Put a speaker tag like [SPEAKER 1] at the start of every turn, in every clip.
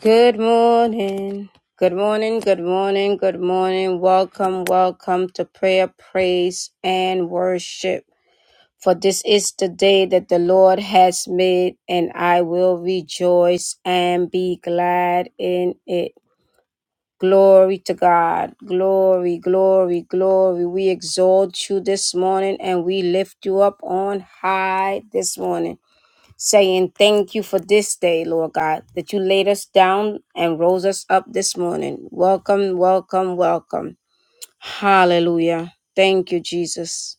[SPEAKER 1] Good morning. Good morning. Good morning. Good morning. Welcome. Welcome to prayer, praise, and worship. For this is the day that the Lord has made, and I will rejoice and be glad in it. Glory to God. Glory, glory, glory. We exalt you this morning and we lift you up on high this morning saying thank you for this day, Lord God, that you laid us down and rose us up this morning. Welcome, welcome, welcome. Hallelujah. Thank you, Jesus.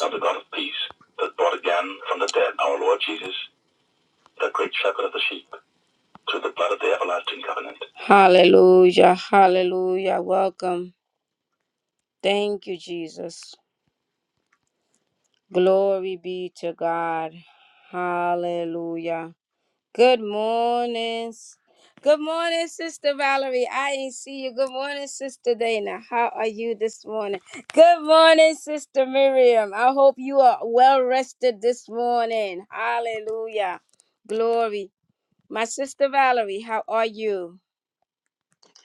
[SPEAKER 1] Now the God of peace that brought again from the dead our Lord Jesus, the great shepherd of the sheep, through the blood of the everlasting covenant. Hallelujah, hallelujah. Welcome. Thank you, Jesus. Glory be to God. Hallelujah. Good morning. s- Good morning, Sister Valerie. I ain't see you. Good morning, Sister Dana. How are you this morning? Good morning, Sister Miriam. I hope you are well rested this morning. Hallelujah. Glory. My Sister Valerie, how are you?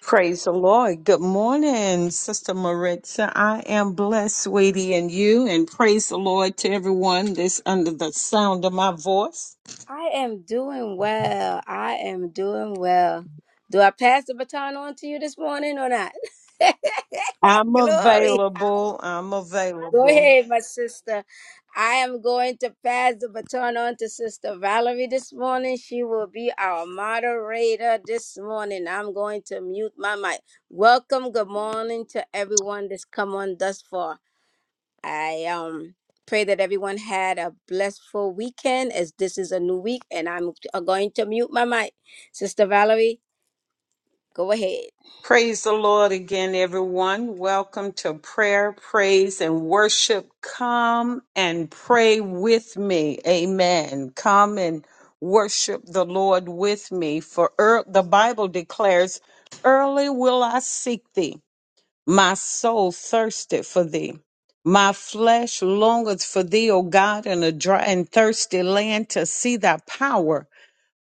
[SPEAKER 2] Praise the Lord. Good morning, Sister Maritza. I am blessed, sweetie, and you. And praise the Lord to everyone that's under the sound of my voice.
[SPEAKER 1] I am doing well. I am doing well. Do I pass the baton on to you this morning or not?
[SPEAKER 2] I'm
[SPEAKER 1] Glory.
[SPEAKER 2] available. I'm
[SPEAKER 1] Go
[SPEAKER 2] available.
[SPEAKER 1] ahead, my sister. I am going to pass the baton on to Sister Valerie this morning. She will be our moderator this morning. I'm going to mute my mic. Welcome, good morning to everyone that's come on thus far. I um pray that everyone had a blessful weekend as this is a new week and I'm going to mute my mic. Sister Valerie, go ahead.
[SPEAKER 2] Praise the Lord again, everyone. Welcome to prayer, praise, and worship. Come and pray with me. Amen. Come and worship the Lord with me. For er, the Bible declares, Early will I seek thee. My soul thirsted for thee. My flesh longeth for thee, O God, in a dry and thirsty land to see thy power,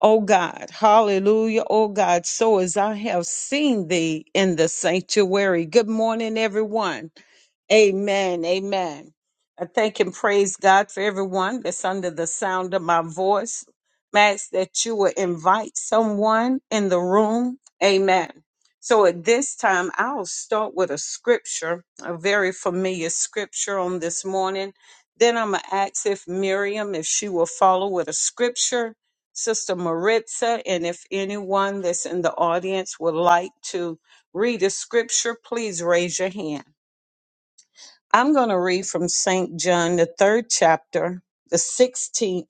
[SPEAKER 2] O God. Hallelujah, O God. So as I have seen thee in the sanctuary. Good morning, everyone. Amen. Amen. I thank and praise God for everyone that's under the sound of my voice. Max, that you will invite someone in the room. Amen. So at this time, I'll start with a scripture, a very familiar scripture on this morning. Then I'm going to ask if Miriam, if she will follow with a scripture, Sister Maritza, and if anyone that's in the audience would like to read a scripture, please raise your hand. I'm going to read from St. John, the third chapter, the 16th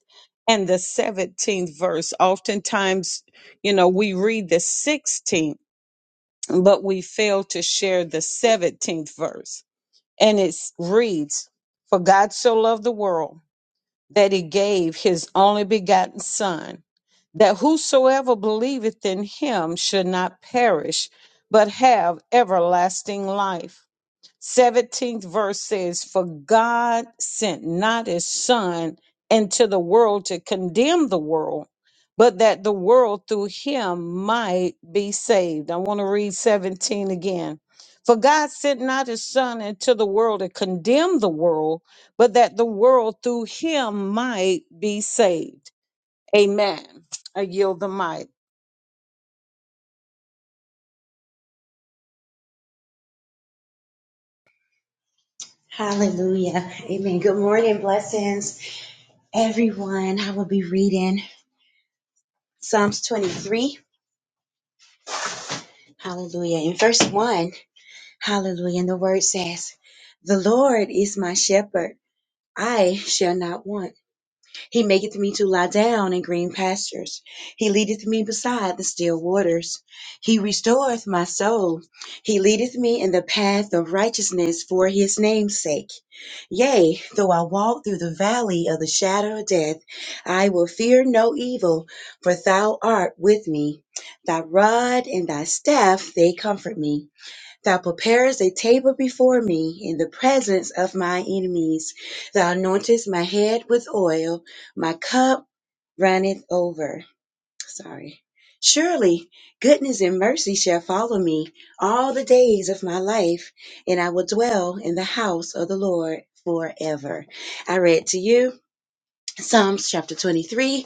[SPEAKER 2] and the 17th verse. Oftentimes, you know, we read the 16th, but we fail to share the 17th verse. And it reads, For God so loved the world that he gave his only begotten Son, that whosoever believeth in him should not perish, but have everlasting life. 17th verse says, For God sent not his son into the world to condemn the world, but that the world through him might be saved. I want to read 17 again. For God sent not his son into the world to condemn the world, but that the world through him might be saved. Amen. I yield the mic.
[SPEAKER 3] Hallelujah. Amen. Good morning. Blessings, everyone. I will be reading Psalms 23. Hallelujah. In verse 1, hallelujah. And the word says, The Lord is my shepherd. I shall not want. He maketh me to lie down in green pastures. He leadeth me beside the still waters. He restoreth my soul. He leadeth me in the path of righteousness for his name's sake. Yea, though I walk through the valley of the shadow of death, I will fear no evil, for thou art with me. Thy rod and thy staff, they comfort me. Thou preparest a table before me in the presence of my enemies. Thou anointest my head with oil. My cup runneth over. Sorry. Surely goodness and mercy shall follow me all the days of my life, and I will dwell in the house of the Lord forever. I read to you Psalms chapter 23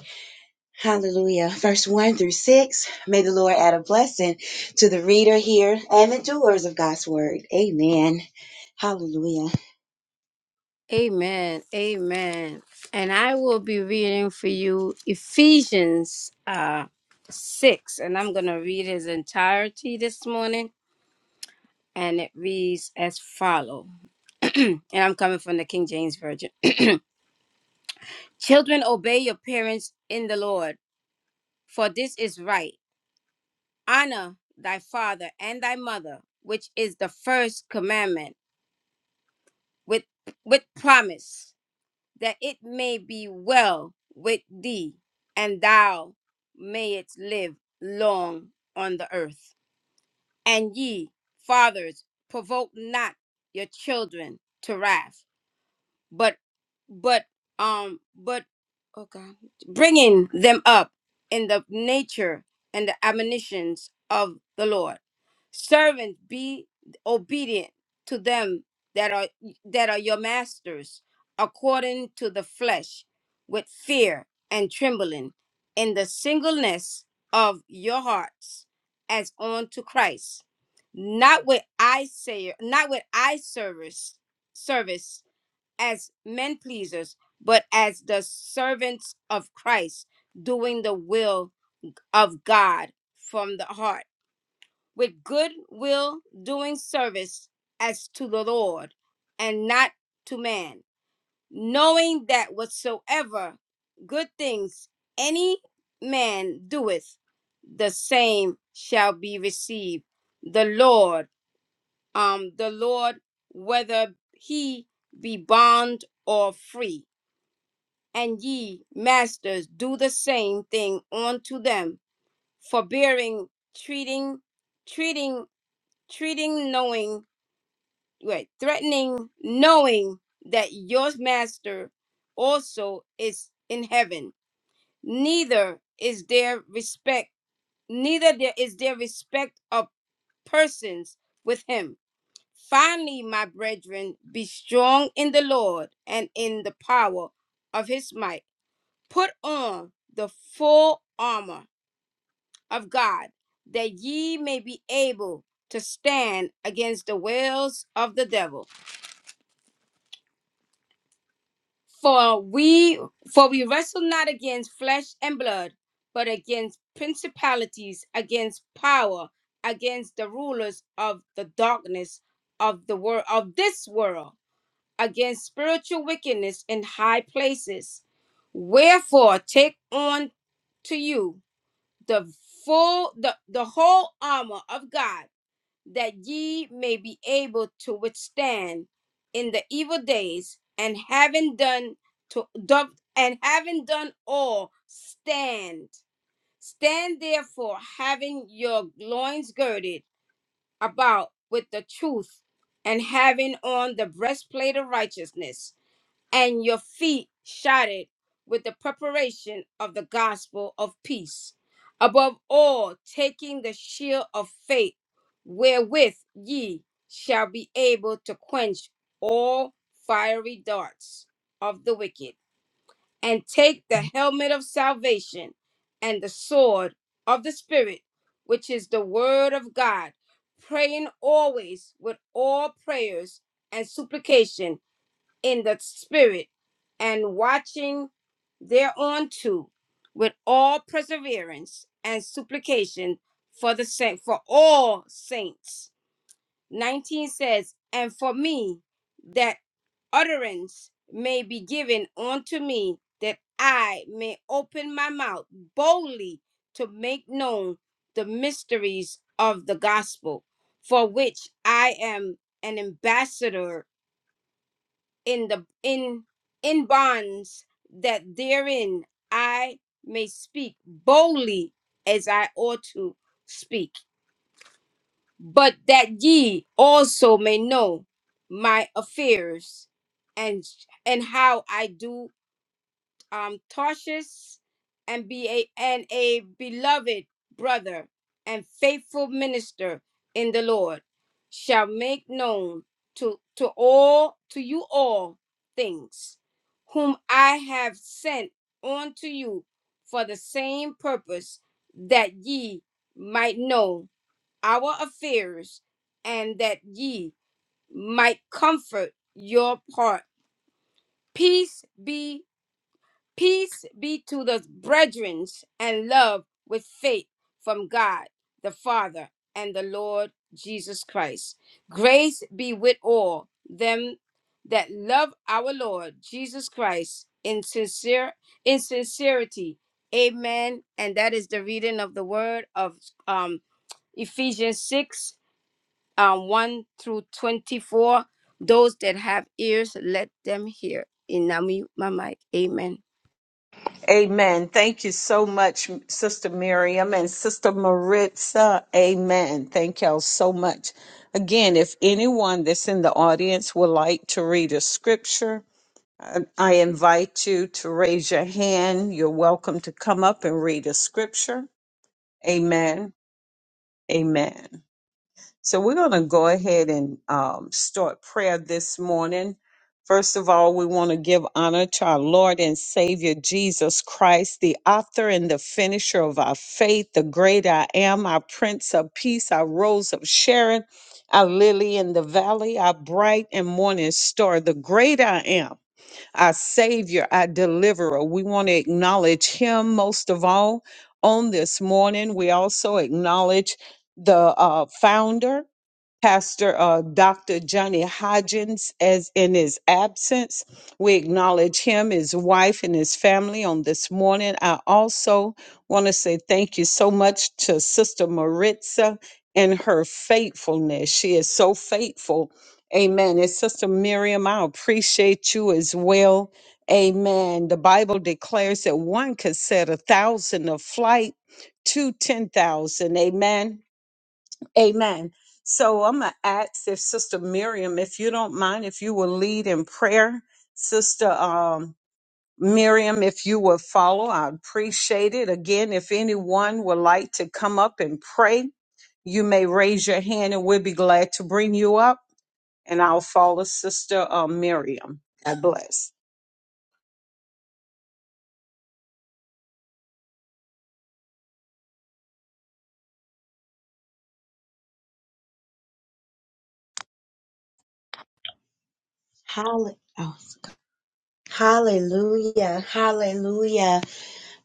[SPEAKER 3] Hallelujah. Verse 1 through 6. May the Lord add a blessing to the reader here and the doers of God's word. Amen. Hallelujah.
[SPEAKER 1] Amen. Amen. And I will be reading for you Ephesians uh, 6, and I'm going to read his entirety this morning. And it reads as follow, and I'm coming from the King James Version. Children, obey your parents in the Lord, for this is right. Honor thy father and thy mother, which is the first commandment with with promise that it may be well with thee, and thou mayest live long on the earth. And ye, fathers, provoke not your children to wrath but but um but oh god bringing them up in the nature and the admonitions of the lord servants be obedient to them that are that are your masters according to the flesh with fear and trembling in the singleness of your hearts as unto christ not with eye say not with eye service service as men pleasers, but as the servants of Christ, doing the will of God from the heart, with good will doing service as to the Lord and not to man, knowing that whatsoever good things any man doeth, the same shall be received. The Lord, um, the Lord, whether he be bond or free and ye, masters, do the same thing unto them, forbearing, treating, treating, treating, knowing, wait, threatening, knowing that your master also is in heaven. Neither is there respect, neither there is there respect of persons with him. Finally, my brethren, be strong in the Lord and in the power of his might Put on the full armor of God, that ye may be able to stand against the wiles of the devil. For we for we wrestle not against flesh and blood, but against principalities, against power, against the rulers of the darkness of the world of this world, against spiritual wickedness in high places. Wherefore take on to you the full the, the whole armor of God that ye may be able to withstand in the evil days and having done to do- and having done all stand stand therefore having your loins girded about with the truth and having on the breastplate of righteousness and your feet shodded with the preparation of the gospel of peace. Above all, taking the shield of faith, wherewith ye shall be able to quench all fiery darts of the wicked, and take the helmet of salvation and the sword of the Spirit, which is the word of God, praying always with all prayers and supplication in the spirit and watching thereunto with all perseverance and supplication for the saint for all saints 19 says and for me that utterance may be given unto me that i may open my mouth boldly to make known the mysteries of the gospel for which i am an ambassador in the in in bonds that therein I may speak boldly as I ought to speak, but that ye also may know my affairs and and how I do um, Tarshish and be a and a beloved brother and faithful minister in the Lord shall make known to to all to you all things whom I have sent unto you for the same purpose that ye might know our affairs and that ye might comfort your part peace be Peace be to the brethren and love with faith from God the Father and the Lord Jesus Christ. Grace be with all them that love our Lord Jesus Christ in sincere in sincerity. Amen. And that is the reading of the word of um, Ephesians 6 um, 1 through 24. Those that have ears, let them hear. In Nami, my mic. Amen.
[SPEAKER 2] Amen. Thank you so much, Sister Miriam and Sister Maritza. Amen. Thank y'all so much. Again, if anyone that's in the audience would like to read a scripture, I I invite you to raise your hand. You're welcome to come up and read a scripture. Amen. Amen. So we're going to go ahead and um, start prayer this morning. First of all, we want to give honor to our Lord and Savior Jesus Christ, the author and the finisher of our faith, the great I am, our Prince of Peace, our Rose of Sharon, our Lily in the Valley, our bright and morning star, the great I am, our Savior, our Deliverer. We want to acknowledge Him most of all on this morning. We also acknowledge the uh, founder Pastor uh, Dr. Johnny Hodgins as in his absence. We acknowledge him, his wife, and his family on this morning. I also want to say thank you so much to Sister Maritza and her faithfulness. She is so faithful. Amen. And Sister Miriam, I appreciate you as well. Amen. The Bible declares that one could set a thousand of flight to 10,000. Amen Amen. So I'm going to ask if Sister Miriam, if you don't mind, if you will lead in prayer. Sister um, Miriam, if you will follow, I'd appreciate it. Again, if anyone would like to come up and pray, you may raise your hand and we'll be glad to bring you up. And I'll follow Sister uh, Miriam. God bless.
[SPEAKER 3] Hall- oh, Hallelujah. Hallelujah.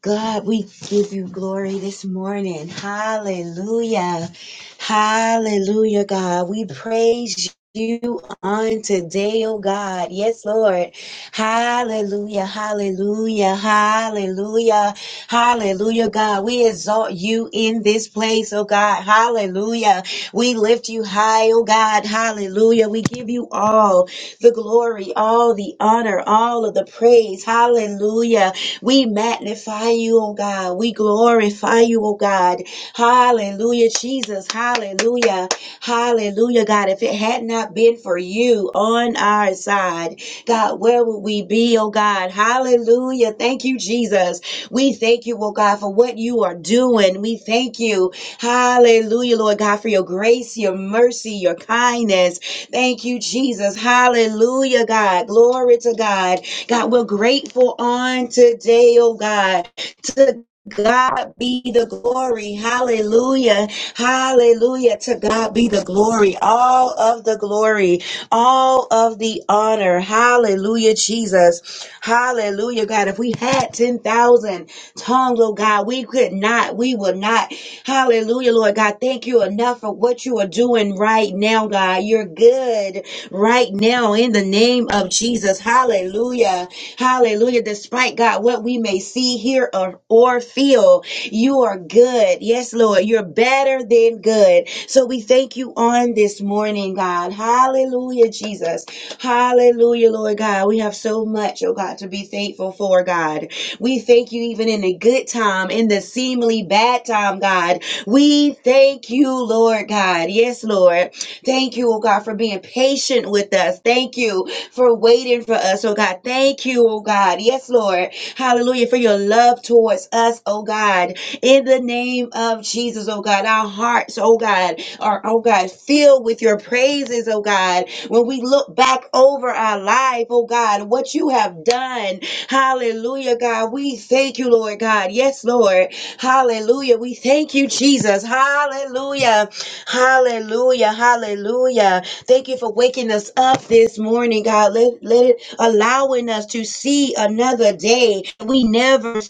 [SPEAKER 3] God, we give you glory this morning. Hallelujah. Hallelujah, God. We praise you on today, oh God. Yes, Lord. Hallelujah. Hallelujah. Hallelujah. Hallelujah, God. We exalt you in this place, oh God. Hallelujah. We lift you high, oh God. Hallelujah. We give you all the glory, all the honor, all of the praise. Hallelujah. We magnify you, oh God. We glorify you, oh God. Hallelujah, Jesus. Hallelujah. Hallelujah, God. If it had not been for you on our side, God, where would we be, oh God? Hallelujah. Thank you, Jesus. We thank you, oh God, for what you are doing. We thank you. Hallelujah, Lord God, for your grace, your mercy, your kindness. Thank you, Jesus. Hallelujah, God. Glory to God. God, we're grateful on today, oh God. To God be the glory. Hallelujah. Hallelujah. To God be the glory. All of the glory. All of the honor. Hallelujah, Jesus. Hallelujah, God. If we had 10,000 tongues, oh God, we could not, we would not. Hallelujah, Lord God. Thank you enough for what you are doing right now, God. You're good Right right now in the name of Jesus. Hallelujah. Hallelujah. Despite God, what we may see, hear, or, or feel, you are good. Yes, Lord. You're better than good. So we thank you on this morning, God. Hallelujah, Jesus. Hallelujah, Lord God. We have so much, oh God, to be thankful for, God. We thank you even in the good time, in the seemingly bad time, God. We thank you, Lord God. Yes, Lord. Thank you, oh God, for being patient with us. Thank you for waiting for us, oh God. Thank you, oh God. Yes, Lord. Hallelujah. For your love towards us, oh God. In the name of Jesus, oh God. Our hearts, oh God, are, oh God, filled with your praises, oh God. When we look back over our life, oh God, what you have done. Hallelujah, God. We thank you, Lord God. Yes, Lord. Hallelujah. We thank you, Jesus. Hallelujah. Hallelujah. Hallelujah. Thank you for waking us up this morning, God. Let, let it allowing us to see another day we never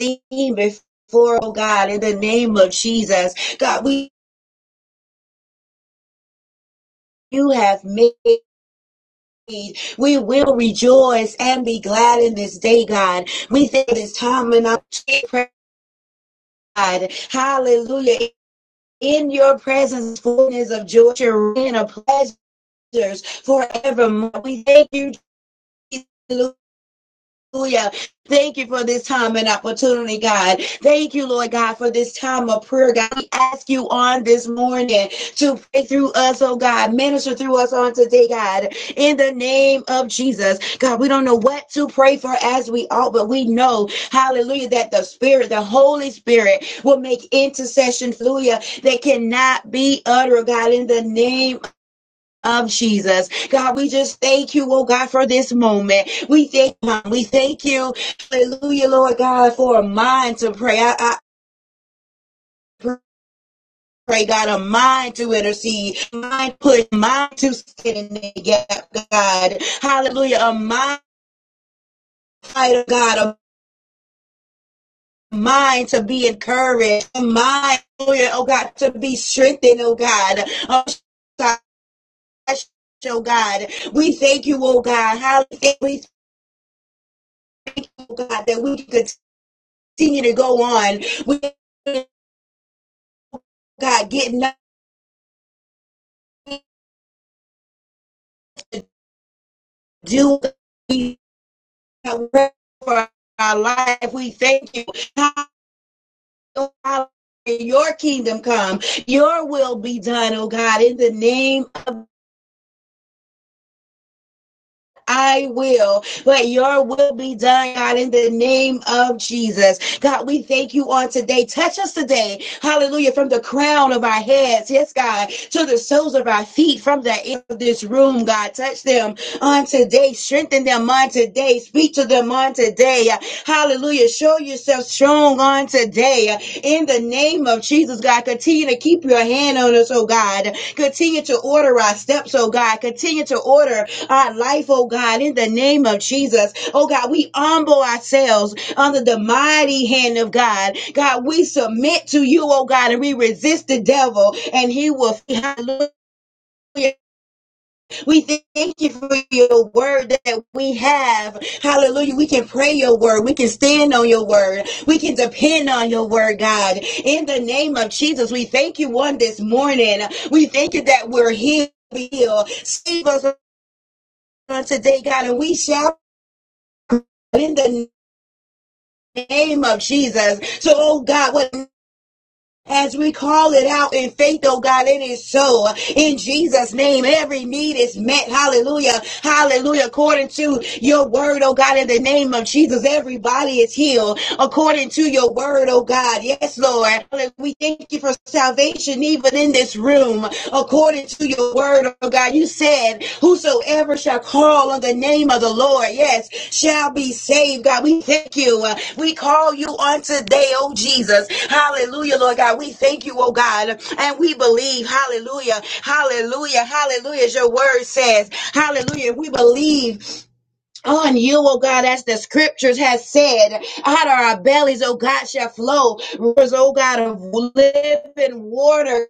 [SPEAKER 3] seen before, oh God, in the name of Jesus. God, we you have made we will rejoice and be glad in this day, God. We thank this time and our God. Hallelujah. In your presence, fullness of joy and of pleasures forevermore. We thank you, Hallelujah. Thank you for this time and opportunity, God. Thank you, Lord God, for this time of prayer, God. We ask you on this morning to pray through us, oh God. Minister through us on today, God. In the name of Jesus. God, we don't know what to pray for as we ought, but we know, hallelujah, that the Spirit, the Holy Spirit, will make intercession, hallelujah, that cannot be uttered, God, in the name of Jesus. God, we just thank you, oh God, for this moment. We thank you. We thank you. Hallelujah, Lord God, for a mind to pray. I, I pray, God, a mind to intercede, mind push, mind to stand in the gap, God. Hallelujah, a mind fighter, God, a mind to be encouraged, a mind, oh God, to be strengthened, oh God. Oh, God, Oh God, we thank you, oh God. Hallelujah. We thank you, oh God, that we could. continue to go on with God getting up, do for our life. We thank you. Your kingdom come, your will be done, oh God, in the name I will, but your will be done, God, in the name of Jesus. God, we thank you on today. Touch us today. Hallelujah. From the crown of our heads, yes, God, to the soles of our feet, from the end of this room, God. Touch them on today. Strengthen them on today. Speak to them on today. Hallelujah. Show yourself strong on today. In the name of Jesus, God, continue to keep your hand on us, oh God. Continue to order our steps, oh God. Continue to order our life, oh God, in the name of Jesus. Oh God, we humble ourselves under the mighty hand of God. God, we submit to you, oh God, and we resist the devil, and he will flee. Hallelujah. We thank you for your word that we have. Hallelujah. We can pray your word. We can stand on your word. We can depend on your word, God. In the name of Jesus, we thank you on this morning. We thank you that we're here. Save us on today, God, and we shall in the name of Jesus. So, oh God, what as we call it out in faith, oh God, it is so. In Jesus' name, every need is met. Hallelujah. Hallelujah. According to your word, oh God, in the name of Jesus, everybody is healed. According to your word, oh God. Yes, Lord. We thank you for salvation even in this room. According to your the word of God. You said, Whosoever shall call on the name of the Lord, yes, shall be saved. God, we thank you. Uh, We call you on today, oh Jesus. Hallelujah, Lord God. We thank you, oh God. And we believe. Hallelujah. Hallelujah. Hallelujah. As your word says, Hallelujah. We believe on you, oh God, as the scriptures has said, out of our bellies, oh God, shall flow rivers, oh God, of living water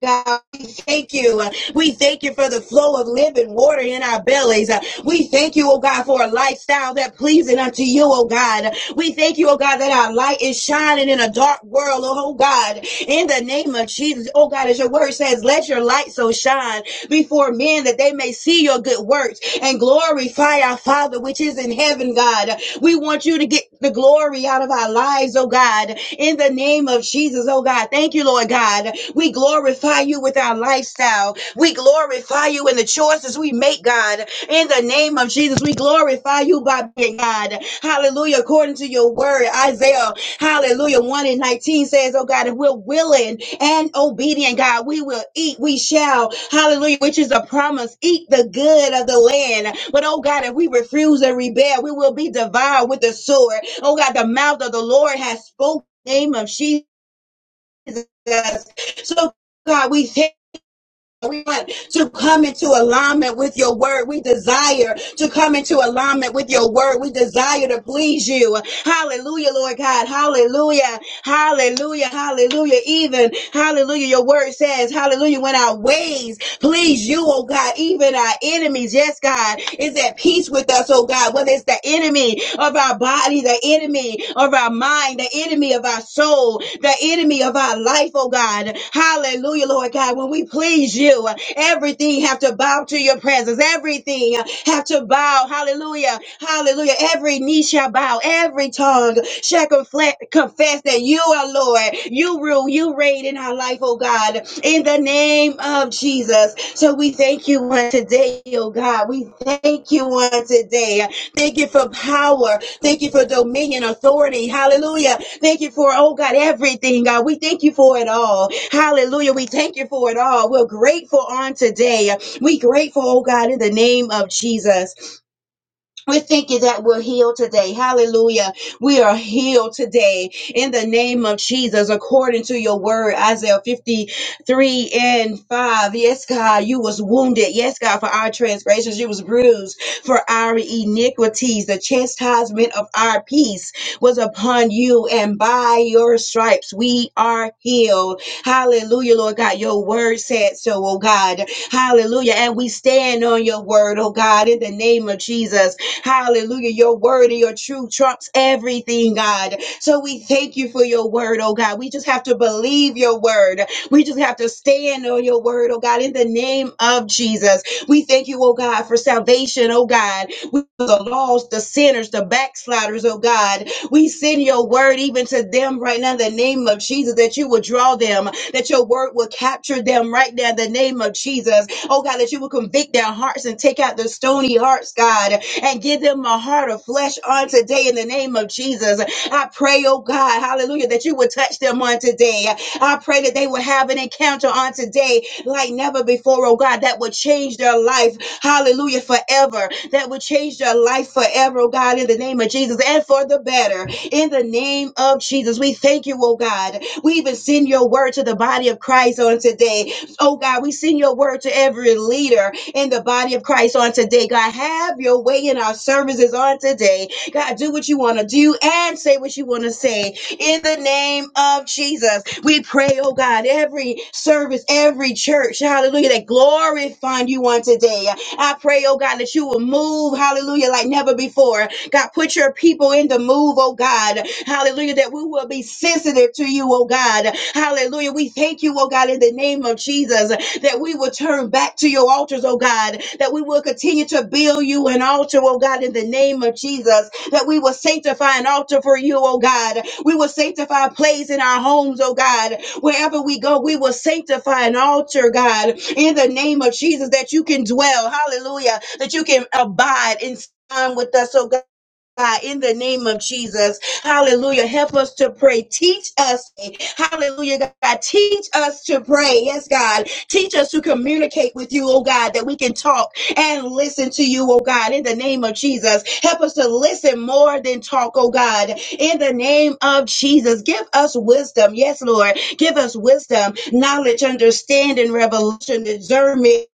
[SPEAKER 3] God, we thank you. Uh, We thank you for the flow of living water in our bellies. Uh, We thank you, oh God, for a lifestyle that pleasing unto you, oh God. We thank you, oh God, that our light is shining in a dark world, oh God. In the name of Jesus, oh God, as your word says, let your light so shine before men that they may see your good works and glorify glorify our Father which is in heaven, God. We want you to get the glory out of our lives, oh God, in the name of Jesus, oh God. Thank you, Lord God. We glorify you with our lifestyle. We glorify you in the choices we make, God. In the name of Jesus, we glorify you by being God. Hallelujah. According to your word, Isaiah Hallelujah. 1 and 19 says, Oh God, if we're willing and obedient, God, we will eat, we shall. Hallelujah, which is a promise. Eat the good of the land. But oh God, if we refuse and rebel, we will be devoured with the sword. Oh God, the mouth of the Lord has spoken. in the Name of Jesus. So God, we thank we want to come into alignment with your word. We desire to come into alignment with your word. We desire to please you. Hallelujah, Lord God. Hallelujah. Hallelujah. Hallelujah. Even, hallelujah, your word says, hallelujah, when our ways please you, oh God, even our enemies, yes, God, is at peace with us, oh God, whether it's the enemy of our body, the enemy enemy of our mind, the enemy of our soul, the enemy of our life, oh God. Hallelujah, Lord God. When we please you, everything have to bow to your presence. Everything have to bow. Hallelujah. Hallelujah. Every knee shall bow. Every tongue shall confle- confess that you are Lord. You rule. You reign in our life, oh God. In the name of Jesus. So we thank you on today, oh God. We thank you on today. Thank you for power. Thank you for dominion, authority. Hallelujah. Thank you for, oh God, everything, God. We thank you for it all. Hallelujah. We thank you for it all. We're grateful on today. We grateful, oh God, in the name of Jesus we are thinking that we're healed today. Hallelujah. We are healed today in the name of Jesus, according to your word, Isaiah 53 and 5. Yes, God, you was wounded. Yes, God, for our transgressions, you was bruised for our iniquities. The chastisement of our peace was upon you, and by your stripes we are healed. Hallelujah, Lord God. Your word said so, oh God. Hallelujah. And we stand on your word, oh God, in the name of Jesus. Hallelujah. Your word and your truth trumps everything, God. So we thank you for your word, oh God. We just have to believe your word. We just have to stand on your word, oh God, in the name of Jesus. We thank you, oh God, for salvation, oh God. We the lost, the sinners, the backsliders, oh God. We send your word even to them right now in the name of Jesus that you will draw them, that your word will capture them right now in the name of Jesus. Oh God, that you will convict their hearts and take out the stony hearts, God and give them a heart of flesh on today in the name of Jesus. I pray, oh God, hallelujah, that you would touch them on today. I pray that they would have an encounter on today like never before, oh God, that would change their life, hallelujah, forever. That would change their life forever, oh God, in the name of Jesus and for the better. In the name of Jesus, we thank you, oh God. We even send your word to the body of Christ on today. Oh God, we send your word to every leader in the body of Christ on today. God, have your way in our services on today. God, do what you want to do and say what you want to say in the name of Jesus. We pray, oh God, every service, every church, hallelujah, that glorifying you on today. I pray, oh God, that you will move, hallelujah, like never before. God, put your people in the move, oh God, hallelujah, that we will be sensitive to you, oh God, hallelujah. We thank you, oh God, in the name of Jesus that we will turn back to your altars, oh God, that we will continue to build you an altar, oh God, in the name of Jesus, that we will sanctify an altar for you, oh God. We will sanctify a place in our homes, oh God. Wherever we go, we will sanctify an altar, God, in the name of Jesus, that you can dwell, hallelujah, that you can abide in time with us, oh God. God, in the name of Jesus. Hallelujah. Help us to pray. Teach us. Hallelujah, God. Teach us to pray. Yes, God. Teach us to communicate with you, oh God, that we can talk and listen to you, oh God, in the name of Jesus. Help us to listen more than talk, oh God, in the name of Jesus. Give us wisdom. Yes, Lord. Give us wisdom, knowledge, understanding, revelation, discernment.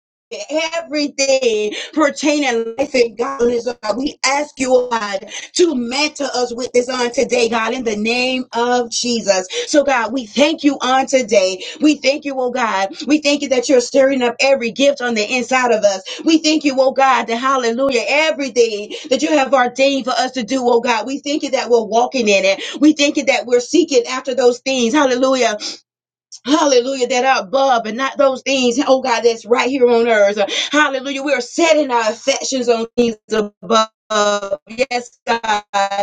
[SPEAKER 3] Everything pertaining to life and godliness, oh God. we ask you, oh God, to mentor us with this on today, God, in the name of Jesus. So, God, we thank you on today. We thank you, oh God. We thank you that you're stirring up every gift on the inside of us. We thank you, oh God, that hallelujah, everything that you have ordained for us to do, oh God. We thank you that we're walking in it. We thank you that we're seeking after those things, hallelujah, Hallelujah, that are above and not those things, oh God, that's right here on earth. Hallelujah. We are setting our affections on things above. Yes, God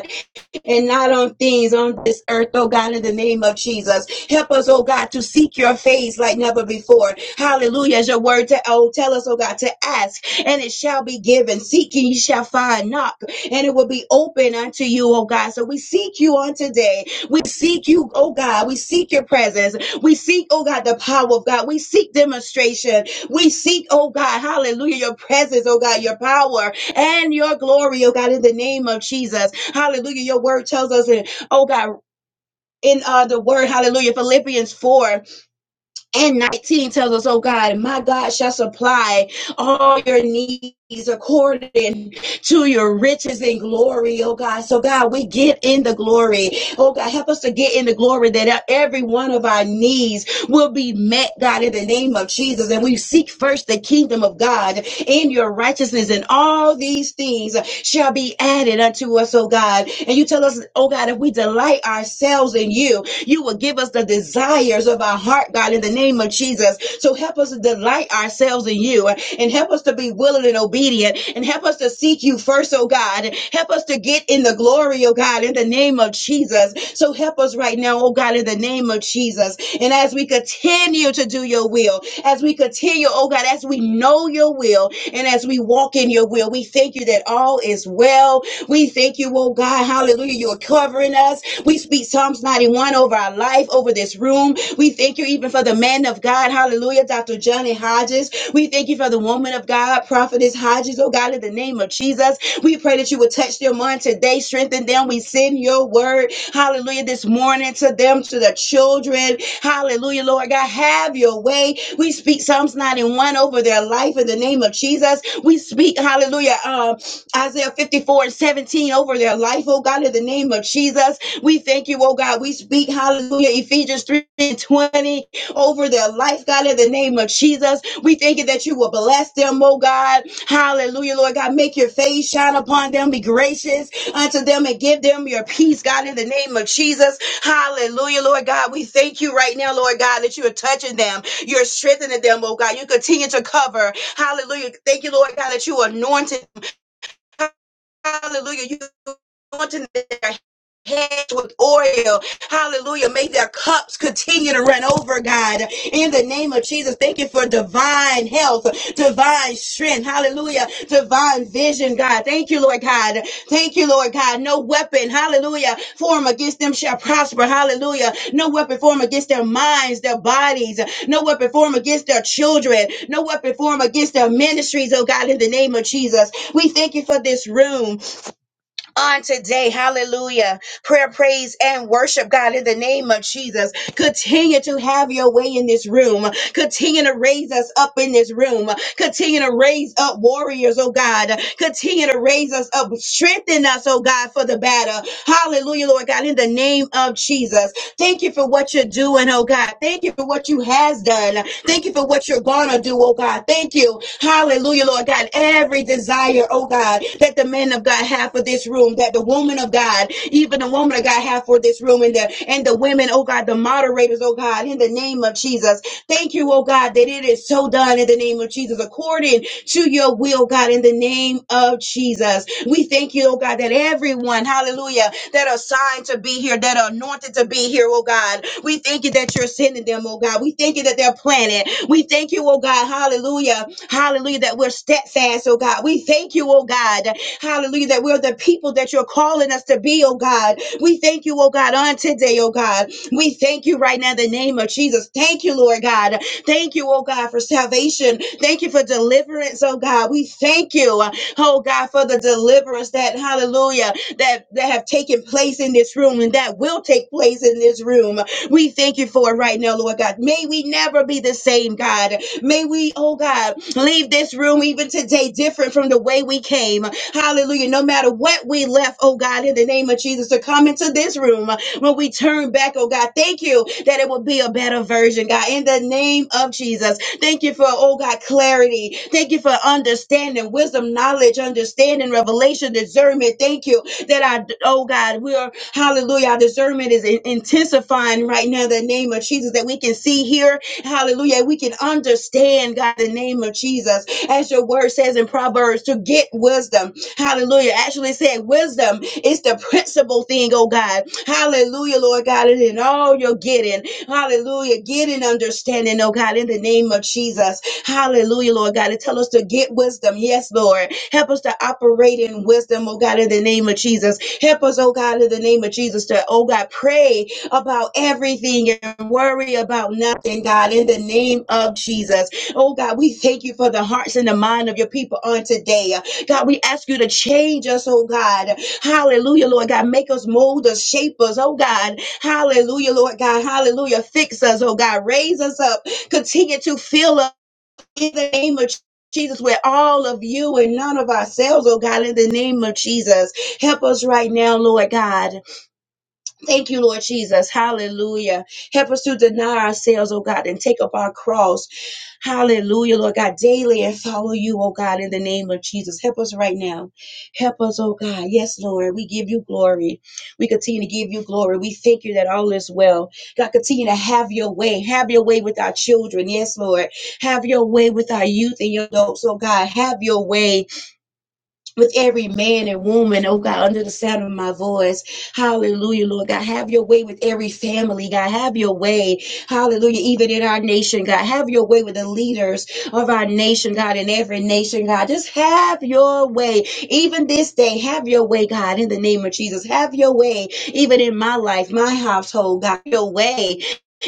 [SPEAKER 3] and not on things on this earth, oh God, in the name of Jesus. Help us, oh God, to seek your face like never before. Hallelujah. As your word to oh, tell us, oh God, to ask, and it shall be given. Seek and you shall find, knock, and it will be open unto you, oh God. So we seek you on today. We seek you, oh God. We seek your presence. We seek, oh God, the power of God. We seek demonstration. We seek, oh God, hallelujah, your presence, oh God, your power and your glory, oh God, in the name of Jesus. Hallelujah. Your word tells us, in, oh God, in uh, the word, hallelujah, Philippians 4 and 19 tells us, oh God, my God shall supply all your needs according to your riches and glory, oh God. So, God, we get in the glory. Oh God, help us to get in the glory that every one of our needs will be met, God, in the name of Jesus. And we seek first the kingdom of God in your righteousness, and all these things shall be added unto us, oh God. And you tell us, oh God, if we delight ourselves in you, you will give us the desires of our heart, God, in the name of Jesus. So help us us to delight ourselves in you and help us to be willing and obedient and help us to seek you first, oh God. Help us to get in the glory, oh God, in the name of Jesus. So help us right now, oh God, in the name of Jesus. And as we continue to do your will, as we continue, oh God, as we know your will and as we walk in your will, we thank you that all is well we thank you, oh God. Hallelujah. You're covering us. We speak Psalms 91 over our life, over this room. We thank you even for the man of God. Hallelujah. Dr. Johnny Hodges. We thank you for the woman of God, prophetess Hodges. Oh God, in the name of Jesus, we pray that you would touch them on today, strengthen them. We send your word. Hallelujah. This morning to them, to the children. Hallelujah, Lord God. Have your way. We speak Psalms 91 over their life in the name of Jesus. We speak, hallelujah. um, Isaiah 54 and 17 over their life, oh God, in the name of Jesus. We thank you, oh God. We speak, hallelujah, Ephesians 3 and 20 over their life, God, in the name of Jesus. We thank you that you will bless them, oh God. Hallelujah, Lord God. Make your face shine upon them, be gracious unto them, and give them your peace, God, in the name of Jesus. Hallelujah, Lord God. We thank you right now, Lord God, that you are touching them. You're strengthening them, oh God. You continue to cover. Hallelujah. Thank you, Lord God, that you anointed. Hallelujah. You anointing their heads with oil. Hallelujah. May their cups continue to run over, God. In the name of Jesus, thank you for divine health, divine strength. Hallelujah. Divine vision, God. Thank you, Lord God. Thank you, Lord God. No weapon, hallelujah, form against them shall prosper. Hallelujah. No weapon form against their minds, their bodies. No weapon form against their children. No weapon form against their ministries, oh God, in the name of Jesus. We thank you for this room on today. Hallelujah. Prayer, praise, and worship, God, in the name of Jesus. Continue to have your way in this room. Continue to raise us up in this room. Continue to raise up warriors, oh God. Continue to raise us up. Strengthen us, oh God, for the battle. Hallelujah, Lord God, in the name of Jesus. Jesus. Thank you for what you're doing, oh God. Thank you for what you has done. Thank you for what you're gonna do, oh God. Thank you. Hallelujah, Lord God. Every desire, oh God, that the men of God have for this room, that the woman of God, even the woman of God have for this room and the and the women, oh God, the moderators, oh God, in the name of Jesus. Thank you, oh God, that it is so done in the name of Jesus, according to your will, God, in the name of Jesus. We thank you, oh God, that everyone, hallelujah, that are signed to be here, that are anointed to be here, oh God. We thank you that you're sending them, oh God. We thank you that they're planted. We thank you, oh God, hallelujah, hallelujah, that we're steadfast, oh God. We thank you, oh God, hallelujah, that we're the people that you're calling us to be, oh God. We thank you, oh God, on today, oh God. We thank you right now in the name of Jesus. Thank you, Lord God. Thank you, oh God, for salvation. Thank you for deliverance, oh God. We thank you, oh God, for the deliverance that, hallelujah, that, that have taken place in this room and that will take place in this room. We thank you for it right now, Lord God. May we never be the same, God. May we, oh God, leave this room even today different from the way we came. Hallelujah. No matter what we left, oh God, in the name of Jesus, to come into this room, when we turn back, oh God, thank you that it will be a better version, God, in the name of Jesus. Thank you for, oh God, clarity. Thank you for understanding, wisdom, knowledge, understanding, revelation, discernment. Thank you that I, oh God, we are, hallelujah, our discernment is in- intensifying right now, in the name of Jesus, that we can see here, hallelujah, we can understand, God, in the name of Jesus, as your word says in Proverbs, to get wisdom Hallelujah. Actually said wisdom is the principal thing, oh God. Hallelujah, Lord God. And in all you're getting, hallelujah, getting understanding, oh God, in the name of Jesus. Hallelujah, Lord God. And tell us to get wisdom. Yes, Lord. Help us to operate in wisdom, oh God, in the name of Jesus. Help us, oh God, in the name of Jesus, to, oh God, pray about everything and worry about nothing, God, in the name of Jesus. Oh God, we thank you for the hearts and the mind of your people on today. God, we ask you to change us, oh God. Hallelujah, Lord God. Make us, mold us, shape us, oh God. Hallelujah, Lord God. Hallelujah. Fix us, oh God. Raise us up. Continue to fill us in the name of Jesus, with all of you and none of ourselves, oh God, in the name of Jesus. Help us right now, Lord God. Thank you, Lord Jesus. Hallelujah. Help us to deny ourselves, oh God, and take up our cross. Hallelujah, Lord God, daily and follow you, oh God, in the name of Jesus. Help us right now. Help us, oh God. Yes, Lord. We give you glory. We continue to give you glory. We thank you that all is well. God, continue to have your way. Have your way with our children. Yes, Lord. Have your way with our youth and your adults, oh God. Have your way with every man and woman, oh God, under the sound of my voice. Hallelujah, Lord God. Have your way with every family, God. Have your way. Hallelujah. Even in our nation, God. Have your way with the leaders of our nation, God, in every nation, God. Just have your way. Even this day, have your way, God, in the name of Jesus. Have your way. Even in my life, my household, God. your way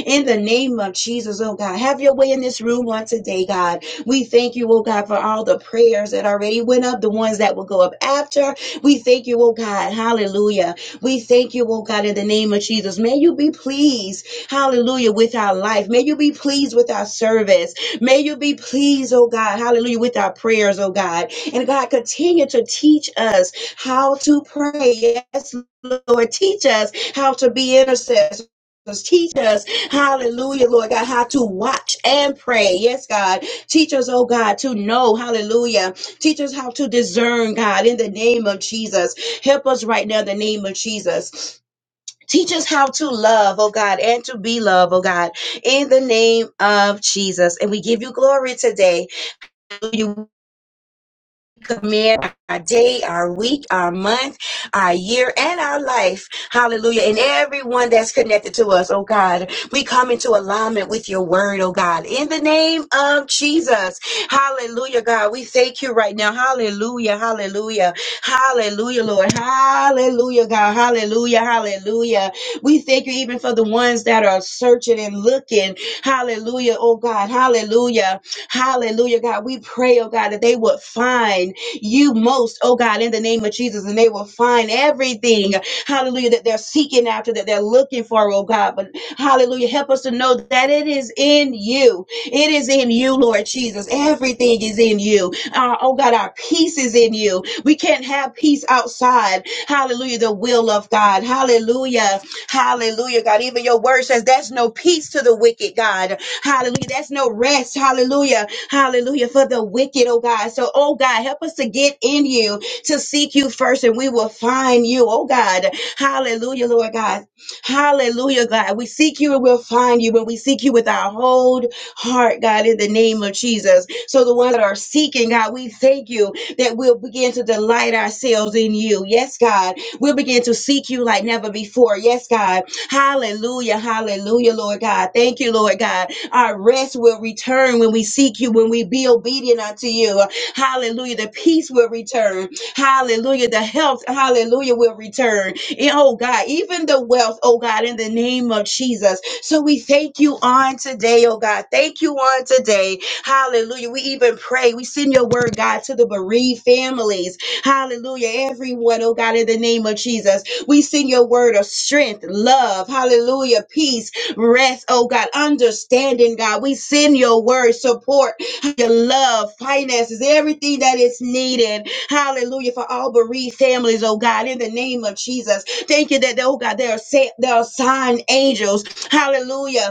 [SPEAKER 3] in the name of Jesus, oh God. Have your way in this room on today, God. We thank you, oh God, for all the prayers that already went up, the ones that will go up after. We thank you, oh God. Hallelujah. We thank you, oh God, in the name of Jesus. May you be pleased, hallelujah, with our life. May you be pleased with our service. May you be pleased, oh God, hallelujah, with our prayers, oh God. And God, continue to teach us how to pray. Yes, Lord, teach us how to be intercessors. Teach us Hallelujah, Lord God, how to watch and pray. Yes, God. Teach us, oh God, to know. Hallelujah. Teach us how to discern, God, in the name of Jesus. Help us right now in the name of Jesus. Teach us how to love, oh God, and to be love, oh God, in the name of Jesus. And we give you glory today commit our day, our week, our month, our year, and our life. Hallelujah. And everyone that's connected to us, oh God, we come into alignment with your word, oh God, in the name of Jesus. Hallelujah, God. We thank you right now. Hallelujah. Hallelujah. Hallelujah, Lord. Hallelujah, God. Hallelujah. Hallelujah. We thank you even for the ones that are searching and looking. Hallelujah, oh God. Hallelujah. Hallelujah, God. We pray, oh God, that they would find you most, oh God, in the name of Jesus, and they will find everything, hallelujah, that they're seeking after, that they're looking for, oh God. But hallelujah, help us to know that it is in you. It is in you, Lord Jesus. Everything is in you. Our, oh God, our peace is in you. We can't have peace outside, hallelujah, the will of God. Hallelujah, hallelujah, God. Even your word says, there's no peace to the wicked, God. Hallelujah. That's no rest. Hallelujah. Hallelujah. For the wicked, oh God. So, oh God, help us to get in you, to seek you first, and we will find you, oh God. Hallelujah, Lord God. Hallelujah, God. We seek you and we'll find you when we seek you with our whole heart, God, in the name of Jesus. So, the ones that are seeking, God, we thank you that we'll begin to delight ourselves in you. Yes, God. We'll begin to seek you like never before. Yes, God. Hallelujah. Hallelujah, Lord God. Thank you, Lord God. Our rest will return when we seek you, when we be obedient unto you. Hallelujah. The peace will return. Hallelujah. The health, hallelujah, will return. And, oh God, even the wealth, oh God, in the name of Jesus. So we thank you on today, oh God. Thank you on today. Hallelujah. We even pray. We send your word, God, to the bereaved families. Hallelujah. Everyone, oh God, in the name of Jesus. We send your word of strength, love, hallelujah, peace, rest, oh God, understanding, God. We send your word, support, your love, finances, everything that is needed, hallelujah, for all bereaved families, oh God, in the name of Jesus. Thank you that, oh God, there are, sa- there are sign angels, hallelujah,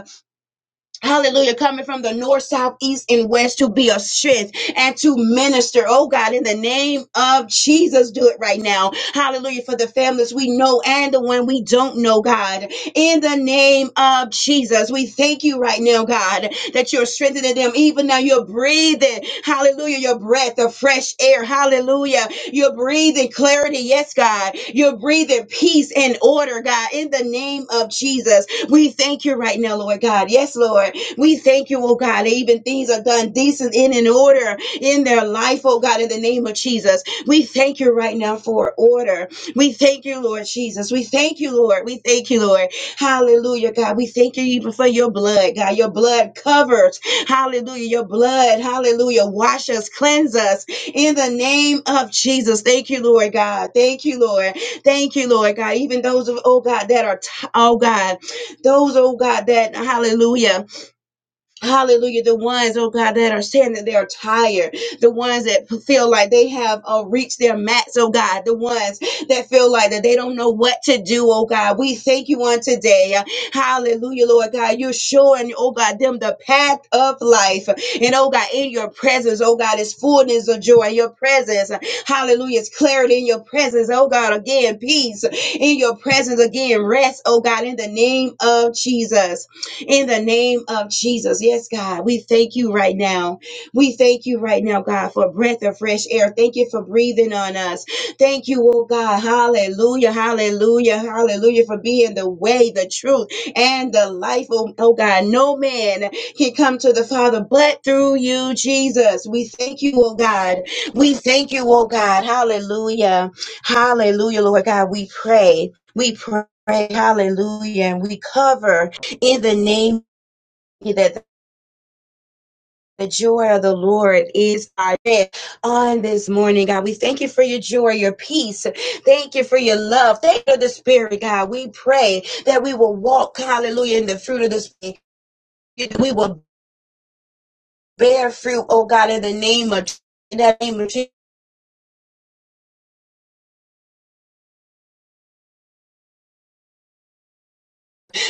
[SPEAKER 3] Hallelujah. Coming from the north, south, east, and west to be a strength and to minister. Oh God, in the name of Jesus, do it right now. Hallelujah. For the families we know and the one we don't know, God. In the name of Jesus, we thank you right now, God, that you're strengthening them. Even now, you're breathing. Hallelujah. Your breath of fresh air. Hallelujah. You're breathing clarity. Yes, God. You're breathing peace and order, God. In the name of Jesus, we thank you right now, Lord God. Yes, Lord. We thank you, oh God, that even things are done decent in and in order in their life, oh God, in the name of Jesus. We thank you right now for order. We thank you, Lord Jesus. We thank you, Lord. We thank you, Lord. Hallelujah, God. We thank you even for your blood, God. Your blood covers. Hallelujah. Your blood, hallelujah, wash us, cleanse us in the name of Jesus. Thank you, Lord God. Thank you, Lord. Thank you, Lord God. Even those of, oh God, that are, t- oh God, those, oh God, that, hallelujah. Hallelujah. The ones, oh God, that are saying that they are tired. The ones that feel like they have uh, reached their max, oh God. The ones that feel like that they don't know what to do, oh God. We thank you on today. Uh, Hallelujah, Lord God. You're showing, oh God, them the path of life. And oh God, in your presence, oh God, is fullness of joy. In Your presence, hallelujah, is clarity in your presence, oh God. Again, peace in your presence. Again, rest, oh God, in the name of Jesus in the name of Jesus. Yes, God, we thank you right now. We thank you right now, God, for breath of fresh air. Thank you for breathing on us. Thank you, oh God. Hallelujah, hallelujah, hallelujah, for being the way, the truth, and the life. Oh, oh God, no man can come to the Father but through you, Jesus. We thank you, oh God. We thank you, oh God. Hallelujah, hallelujah, Lord God. We pray. We pray. Hallelujah. And we cover in the name that the joy of the Lord is our strength. on this morning, God. We thank you for your joy, your peace. Thank you for your love. Thank you for the Spirit, God. We pray that we will walk, hallelujah, in the fruit of the Spirit. We will bear fruit, oh God, in the name of in the name of Jesus.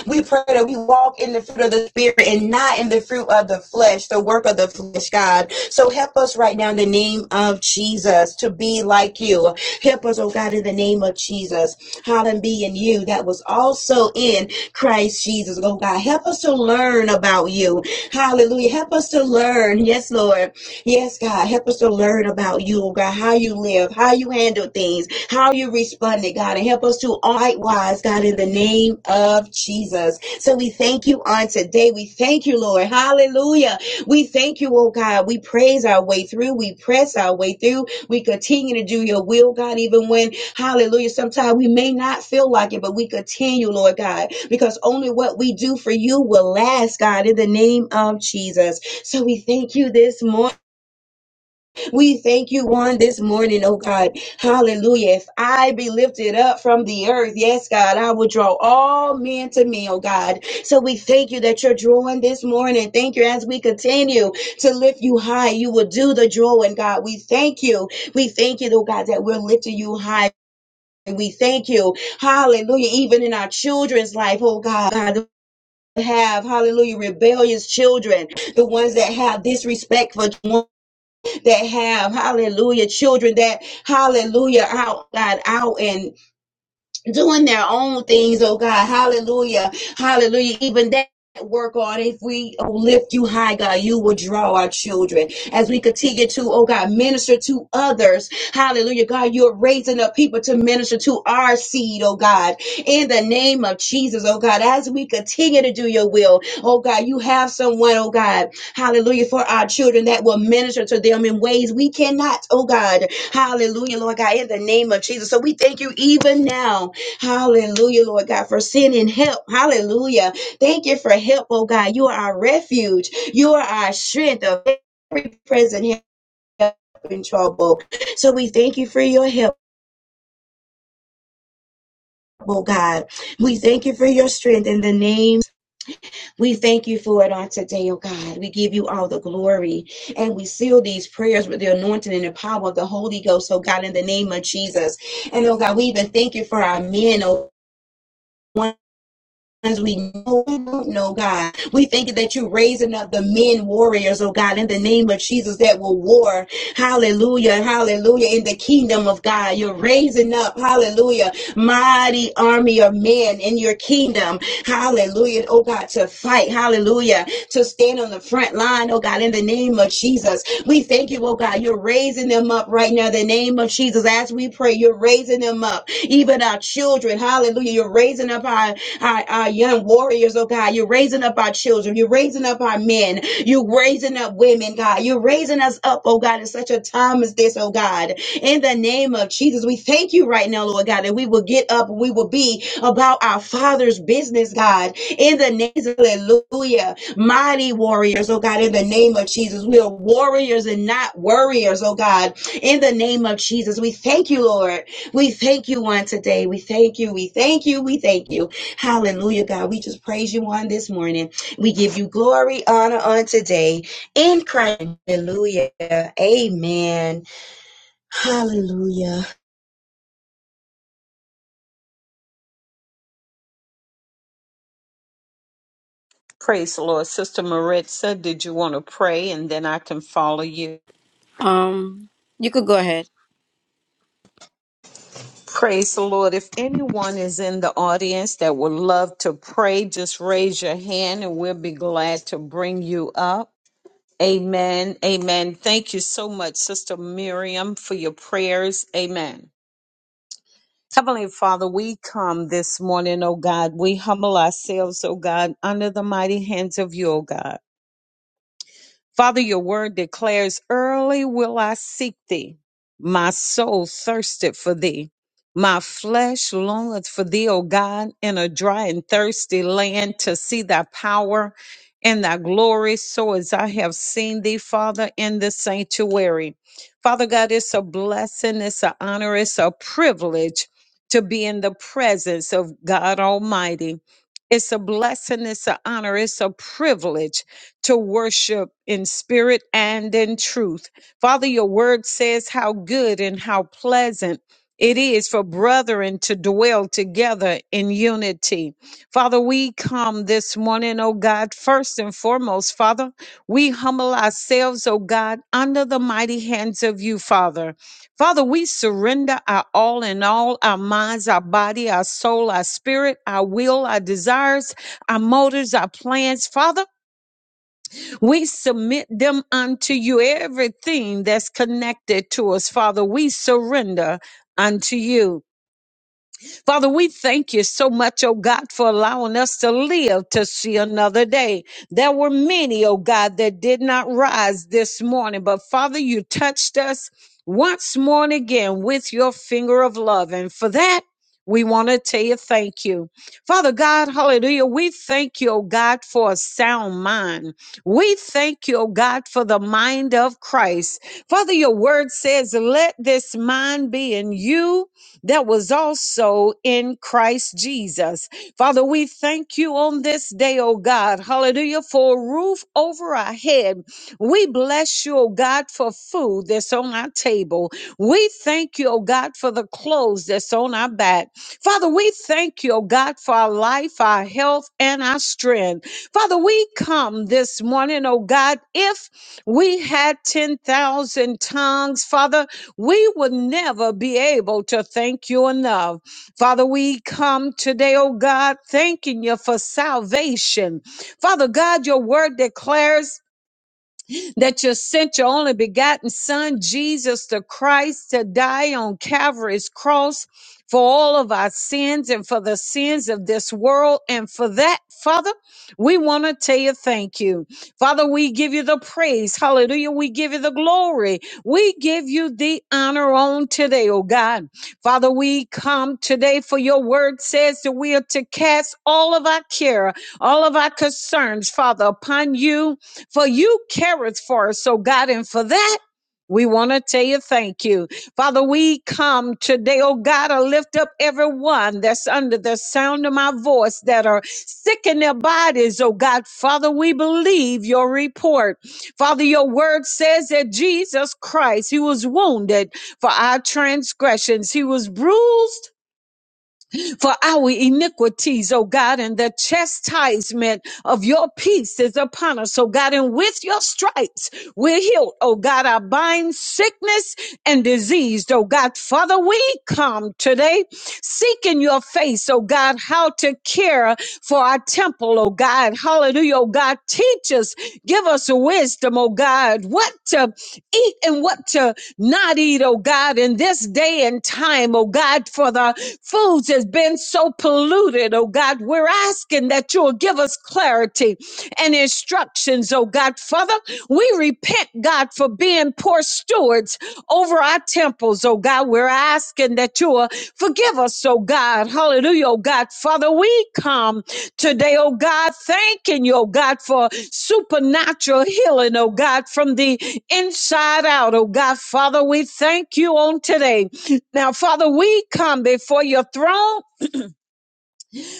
[SPEAKER 3] We pray that we walk in the fruit of the spirit and not in the fruit of the flesh, the work of the flesh, God. So help us right now in the name of Jesus to be like you. Help us, oh God, in the name of Jesus. Hallelujah. Be in you that was also in Christ Jesus, oh God. Help us to learn about you. Hallelujah. Help us to learn. Yes, Lord. Yes, God, help us to learn about you, oh God, how you live, how you handle things, how you responded, God, and help us to all likewise, God, in the name of Jesus. So we thank you on today. We thank you, Lord. Hallelujah. We thank you, oh God. We praise our way through. We press our way through. We continue to do your will, God, even when, hallelujah, sometimes we may not feel like it, but we continue, Lord God, because only what we do for you will last, God, in the name of Jesus. So we thank you this morning. We thank you one this morning, oh God. Hallelujah. If I be lifted up from the earth, yes, God, I will draw all men to me, oh God. So we thank you that you're drawing this morning. Thank you as we continue to lift you high. You will do the drawing, God. We thank you. We thank you, oh God, that we're lifting you high. We thank you. Hallelujah. Even in our children's life, oh God. God have hallelujah rebellious children the ones that have disrespect for that have hallelujah children that hallelujah out God out and doing their own things, oh God. Hallelujah. Hallelujah. Even that. Work on if we lift you high, God, you will draw our children as we continue to, oh God, minister to others. Hallelujah, God, you're raising up people to minister to our seed, oh God, in the name of Jesus, oh God, as we continue to do your will, oh God, you have someone, oh God, hallelujah, for our children that will minister to them in ways we cannot, oh God, hallelujah, Lord God, in the name of Jesus. So we thank you even now, Hallelujah, Lord God, for sending help. Hallelujah. Thank you for help, oh God. You are our refuge. You are our strength of every present help in trouble. So we thank you for your help, oh God. We thank you for your strength in the name. We thank you for it on today, oh God. We give you all the glory and we seal these prayers with the anointing and the power of the Holy Ghost, oh God, in the name of Jesus. And oh God, we even thank you for our men, oh we know we don't know, God. We thank you that you're raising up the men warriors, oh God, in the name of Jesus that will war. Hallelujah. Hallelujah. In the kingdom of God, you're raising up, hallelujah, mighty army of men in your kingdom. Hallelujah. Oh God, to fight. Hallelujah to stand on the front line, oh God, in the name of Jesus. We thank you, oh God, you're raising them up right now, in the name of Jesus. As we pray, you're raising them up, even our children, hallelujah. You're raising up our, our, our young warriors, oh God. You're raising up our children. You're raising up our men. You're raising up women, God. You're raising us up, oh God, in such a time as this, oh God. In the name of Jesus, we thank you right now, Lord God, that we will get up and we will be about our Father's business, God. In the name, hallelujah mighty warriors, oh God, in the name of Jesus. We are warriors and not warriors, oh God, in the name of Jesus. We thank you, Lord. We thank you on today. We thank you. We thank you. We thank you. Hallelujah, God. We just praise you on this morning. We give you glory, honor on today in Christ. Hallelujah. Amen. Hallelujah.
[SPEAKER 2] Praise the Lord. Sister Maritza, did you want to pray? And then I can follow you.
[SPEAKER 1] Um, you could go ahead.
[SPEAKER 2] Praise the Lord. If anyone is in the audience that would love to pray, just raise your hand and we'll be glad to bring you up. Amen. Amen. Thank you so much, Sister Miriam, for your prayers. Amen. Heavenly Father, we come this morning, O God. We humble ourselves, O God, under the mighty hands of you, O God. Father, your word declares, Early will I seek thee. My soul thirsteth for thee. My flesh longeth for thee, O God, in a dry and thirsty land to see thy power and thy glory, so as I have seen thee, Father, in the sanctuary. Father God, it's a blessing, it's an honor, it's a privilege to be in the presence of God Almighty. It's a blessing, it's an honor, it's a privilege to worship in spirit and in truth. Father, your word says how good and how pleasant it is for brethren to dwell together in unity. Father, we come this morning, oh God, first and foremost, Father, we humble ourselves, oh God, under the mighty hands of you, Father. Father, we surrender our all in all, our minds, our body, our soul, our spirit, our will, our desires, our motives, our plans. Father, we submit them unto you, everything that's connected to us, Father. We surrender unto you. Father, we thank you so much, oh God, for allowing us to live to see another day. There were many, oh God, that did not rise this morning, but Father, you touched us once more and again with your finger of love. And for that, we want to tell you thank you. Father God, hallelujah. We thank you, oh God, for a sound mind. We thank you, oh God, for the mind of Christ. Father, your word says, let this mind be in you that was also in Christ Jesus. Father, we thank you on this day, oh God. Hallelujah. For a roof over our head. We bless you, oh God, for food that's on our table. We thank you, oh God, for the clothes that's on our back. Father, we thank you, oh God, for our life, our health, and our strength. Father, we come this morning, oh God, if we had 10,000 tongues, Father. We would never be able to thank you enough. Father, we come today, oh God, thanking you for salvation. Father God, your word declares that you sent your only begotten Son, Jesus the Christ, to die on Calvary's cross for all of our sins and for the sins of this world. And for that, Father, we want to tell you thank you. Father, we give you the praise. Hallelujah. We give you the glory. We give you the honor on today, oh God. Father, we come today for your word says that we are to cast all of our care, all of our concerns, Father, upon you for you careth for us. So, God, and for that, we want to tell you thank you. Father, we come today, oh God, I lift up everyone that's under the sound of my voice that are sick in their bodies, oh God. Father, we believe your report. Father, your word says that Jesus Christ, he was wounded for our transgressions, he was bruised for our iniquities, oh God, and the chastisement of your peace is upon us, oh God, and with your stripes we're healed, oh God. I bind sickness and disease, oh God. Father, we come today seeking your face, oh God, how to care for our temple, oh God. Hallelujah, oh God. Teach us, give us wisdom, oh God, what to eat and what to not eat, oh God, in this day and time, oh God, for the foods has been so polluted, oh God. We're asking that you'll give us clarity and instructions, oh God. Father, we repent, God, for being poor stewards over our temples, oh God. We're asking that you'll forgive us, oh God. Hallelujah, oh God. Father, we come today, oh God, thanking you, oh God, for supernatural healing, oh God, from the inside out, oh God. Father, we thank you on today. Now, Father, we come before your throne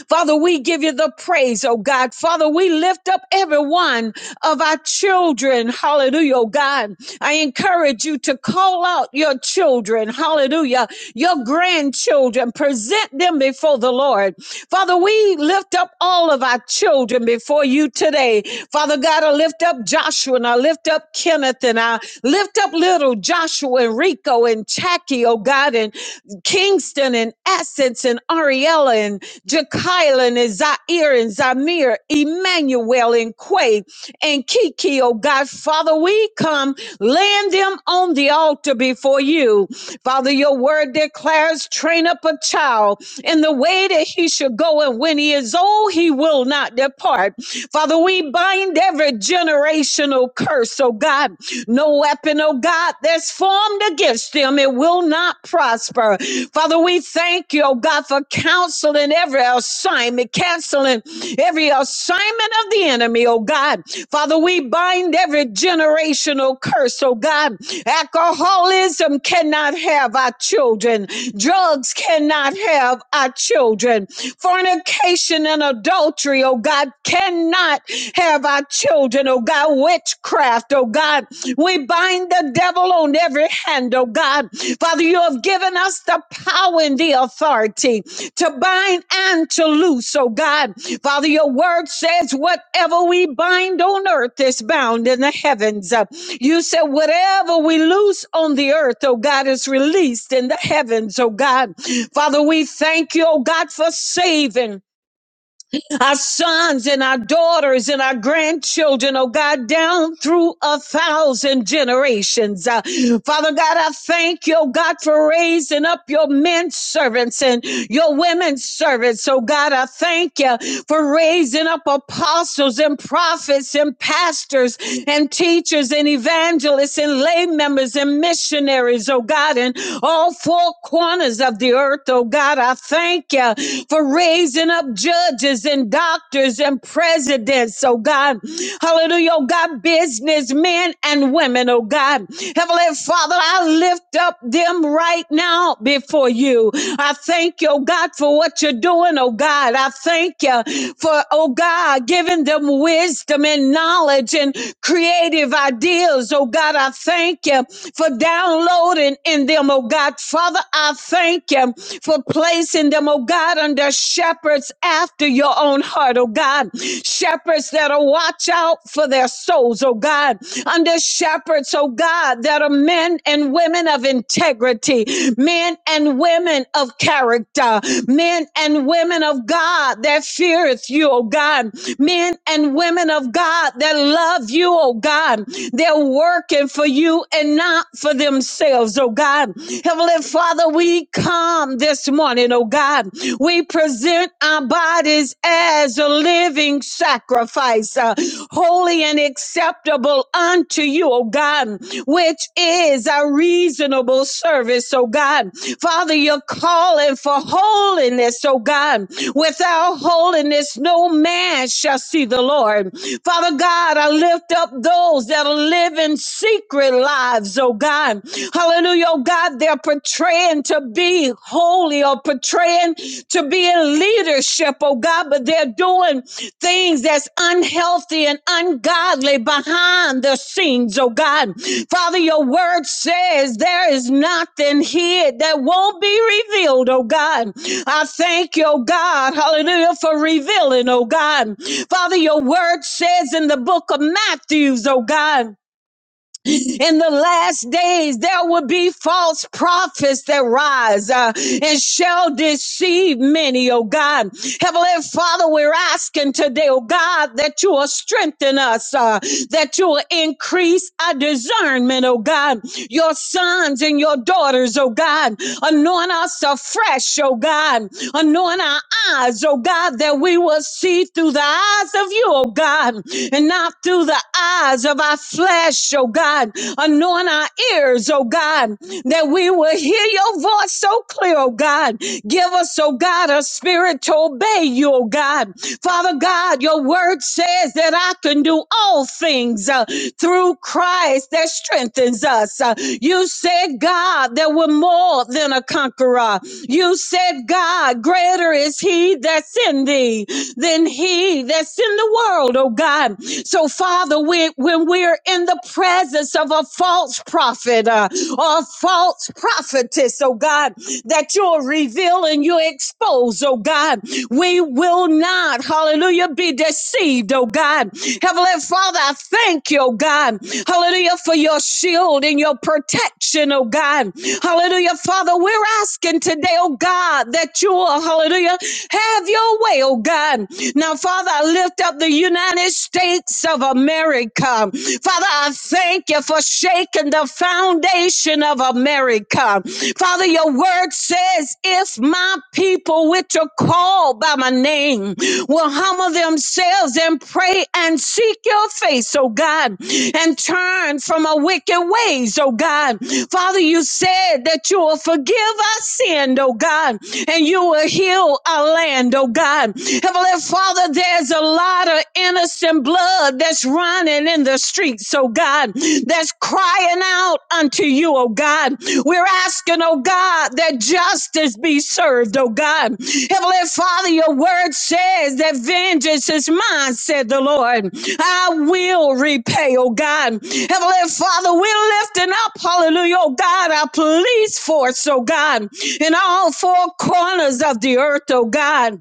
[SPEAKER 2] Father, we give you the praise, oh God. Father, we lift up every one of our children. Hallelujah, oh God. I encourage you to call out your children. Hallelujah. Your grandchildren. Present them before the Lord. Father, we lift up all of our children before you today. Father God, I lift up Joshua and I lift up Kenneth and I lift up little Joshua and Rico and Jackie, oh God, and Kingston and Essence and Ariella and Jekyll and Zaire and Zamir, Emmanuel and Quay and Kiki, oh God. Father, we come laying them on the altar before you. Father, your word declares train up a child in the way that he should go, and when he is old, he will not depart. Father, we bind every generational curse, oh God. No weapon, oh God, that's formed against them, it will not prosper. Father, we thank you oh God, for counseling every assignment, canceling every assignment of the enemy, oh God. Father, we bind every generational curse, oh God. Alcoholism cannot have our children, drugs cannot have our children, fornication and adultery, oh God, cannot have our children, oh God, witchcraft, oh God. God. We bind the devil on every hand, oh God. Father, you have given us the power and the authority to bind and to loose, oh God. Father, your word says, whatever we bind on earth is bound in the heavens. Uh, You said, whatever we loose on the earth, oh God, is released in the heavens, oh God. Father, we thank you, oh God, for saving our sons and our daughters and our grandchildren, oh God, down through a thousand generations. Uh, Father God, I thank you, oh God, for raising up your men servants and your women servants. Oh God, I thank you for raising up apostles and prophets and pastors and teachers and evangelists and lay members and missionaries, oh God, in all four corners of the earth, oh God. I thank you for raising up judges and doctors and presidents, oh God. Hallelujah, oh God, businessmen and women, oh God. Heavenly Father, I lift up them right now before you. I thank you, oh God, for what you're doing, oh God. I thank you for, oh God, giving them wisdom and knowledge and creative ideas, oh God. I thank you for downloading in them, oh God. Father, I thank you for placing them, oh God, under shepherds after your own heart, oh God. Shepherds that'll watch out for their souls, oh God. Under shepherds, oh God, that are men and women of integrity, men and women of character, men and women of God that feareth you, oh God. Men and women of God that love you, oh God. They're working for you and not for themselves, oh God. Heavenly Father, we come this morning, oh God. We present our bodies as a living sacrifice, uh, holy and acceptable unto you, oh God, which is a reasonable service, oh God. Father, you're calling for holiness, oh God. Without holiness, no man shall see the Lord. Father God, I lift up those that are living secret lives oh God. Hallelujah, oh God, they're portraying to be holy or portraying to be in leadership, oh God, but they're doing things that's unhealthy and ungodly behind the scenes, oh God. Father, your word says there is nothing hid that won't be revealed, oh God. I thank you, oh God, hallelujah, for revealing, oh God. Father, your word says in the book of Matthews, oh God. In the last days, there will be false prophets that rise uh, and shall deceive many, oh God. Heavenly Father, we're asking today, oh God, that you will strengthen us, uh, that you will increase our discernment, oh God. Your sons and your daughters, oh God, anoint us afresh, oh God. Anoint our eyes, oh God, that we will see through the eyes of you, oh God, and not through the eyes of our flesh, oh God. Anoint our ears, oh God, that we will hear your voice so clear, oh God. Give us, oh God, a spirit to obey you, oh God. Father God, your word says that I can do all things. uh, through Christ that strengthens us. Uh, You said, God, that we're more than a conqueror. You said, God, greater is he that's in thee than he that's in the world, oh God. So, Father, we, when we're in the presence of a false prophet uh, or a false prophetess, oh God, that you'll reveal and you'll expose, oh God. We will not, hallelujah, be deceived, oh God. Heavenly Father, I thank you, oh God. Hallelujah, for your shield and your protection, oh God. Hallelujah, Father, we're asking today, oh God, that you will, hallelujah, have your way, oh God. Now, Father, I lift up the United States of America. Father, I thank you for shaking shaken the foundation of America. Father, your word says, if my people, which are called by my name, will humble themselves and pray and seek your face, oh God, and turn from our wicked ways, oh God. Father, you said that you will forgive our sin, oh God, and you will heal our land, oh God. Heavenly Father, there's a lot of innocent blood blood that's running in the streets, oh God, that's crying out unto you, oh God. We're asking, oh God, that justice be served, oh God. Heavenly Father, your word says that vengeance is mine, said the Lord. I will repay, oh God. Heavenly Father, we're lifting up, hallelujah, oh God, our police force, oh God, in all four corners of the earth, oh God.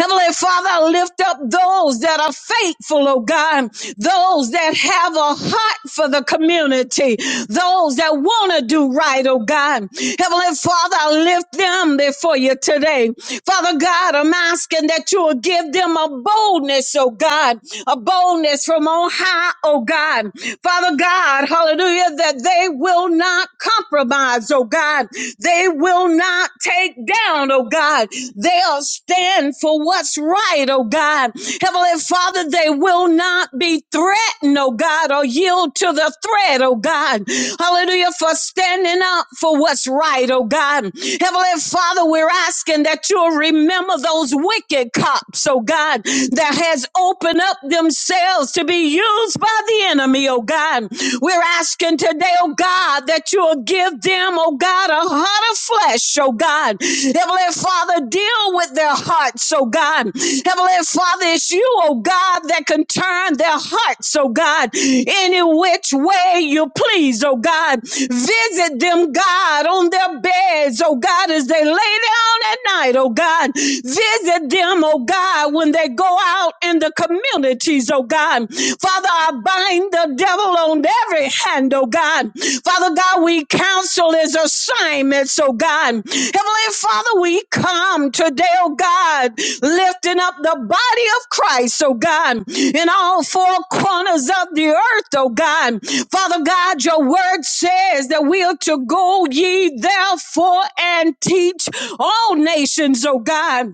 [SPEAKER 2] Heavenly Father, lift up those that are faithful, oh God, those that have a heart for the community, those that want to do right, oh God. Heavenly Father, I lift them before you today. Father God, I'm asking that you will give them a boldness, oh God, a boldness from on high, oh God. Father God, hallelujah, that they will not compromise, oh God. They will will not take down, oh God. They'll stand for what's right, oh God. Heavenly Father, they will not be threatened, oh God, or yield to the threat, oh God. Hallelujah, for standing up for what's right, oh God. Heavenly Father, we're asking that you'll remember those wicked cops, oh God, that has opened up themselves to be used by the enemy, oh God. We're asking asking today, oh God, that you'll give them, oh God, a heart of flesh, oh God. Heavenly Father, deal with their hearts, oh God. Heavenly Father, it's you, oh God, that can turn their hearts, oh God, any which way you please, oh God. Visit them, God, on their beds, oh God, as they lay down at night, oh God. Visit them, oh God, when they go out in the community ministries, oh God. Father, I bind the devil on every hand, oh God. Father God, we counsel his assignments, oh God. Heavenly Father, we come today, oh God, lifting up the body of Christ, oh God, in all four corners of the earth, oh God. Father God, your word says that we are to go ye therefore and teach all nations, oh God.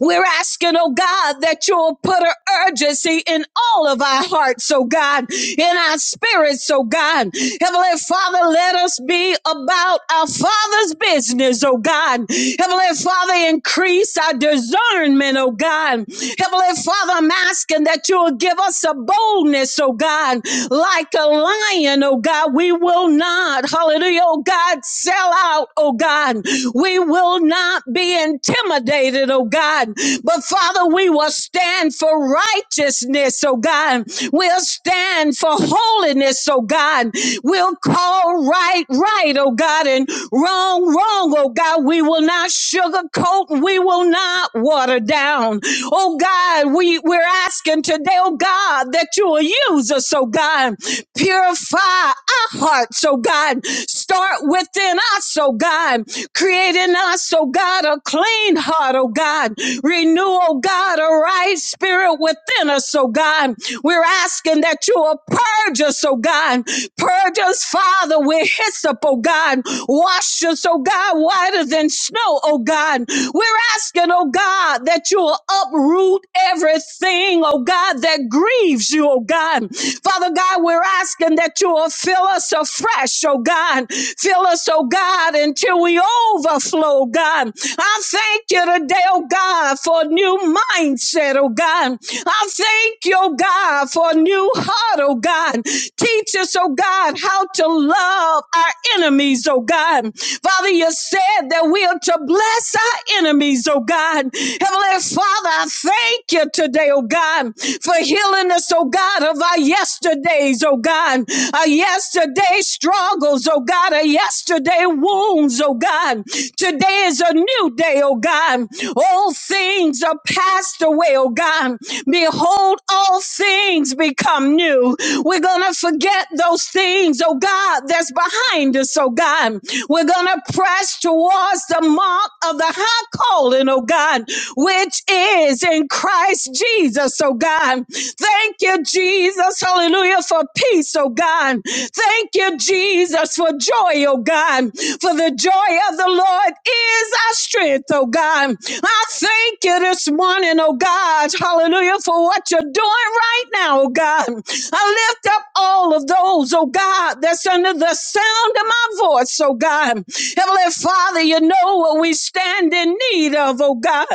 [SPEAKER 2] We're asking, oh God, that you'll put an urgency in all of our hearts, oh God, in our spirits, oh God. Heavenly Father, let us be about our Father's business, oh God. Heavenly Father, increase our discernment, oh God. Heavenly Father, I'm asking that you'll give us a boldness, oh God, like like a lion, oh God. We will not, hallelujah, oh God, sell out, oh God. We will not be intimidated, oh God. But Father, we will stand for righteousness, oh God. We'll stand for holiness, oh God. We'll call right, right, oh God, and wrong, wrong, oh God. We will not not sugarcoat. We will not water down. Oh God, we, we're asking today, oh God, that you will use us, oh God. Purify our hearts, oh God. Start within us, oh God. Create in us, oh God, a clean heart, oh God. Renew, oh God, a right spirit within us, oh God. We're asking that you will purge us, oh God. Purge us, Father, with hyssop, oh God. Wash us, oh God, whiter than snow, oh God. We're asking, oh God, that you will uproot everything, oh God, that grieves you, oh God. Father God, we're asking that you will fill us afresh, oh God. Fill us, oh God, until we over overflow, oh God. I thank you today, oh God, for a new mindset, oh God. I thank you, oh God, for a new heart, oh God. Teach us, oh God, how to love our enemies, oh God. Father, you said that we are to bless our enemies, oh God. Heavenly Father, I thank you today, oh God, for healing us, oh God God, of our yesterdays, oh God, our yesterday struggles, oh God, our yesterday wounds, oh God. Today is a new day, oh God. All things are passed away, oh God. Behold, all things become new. We're going to forget those things, oh God, that's behind us, oh God. We're going to press towards the the mark of the high calling, oh God, which is in Christ Jesus, oh God. Thank you, Jesus, hallelujah, for peace, oh God. Thank you, Jesus, for joy, oh God. For the joy of the Lord is our strength, oh God. I thank you this morning, oh God, hallelujah, for what you're doing right now, oh God. I lift up all of those, oh God, that's under the sound of my voice, oh God. Heavenly Father, you know what we stand in need of, oh God.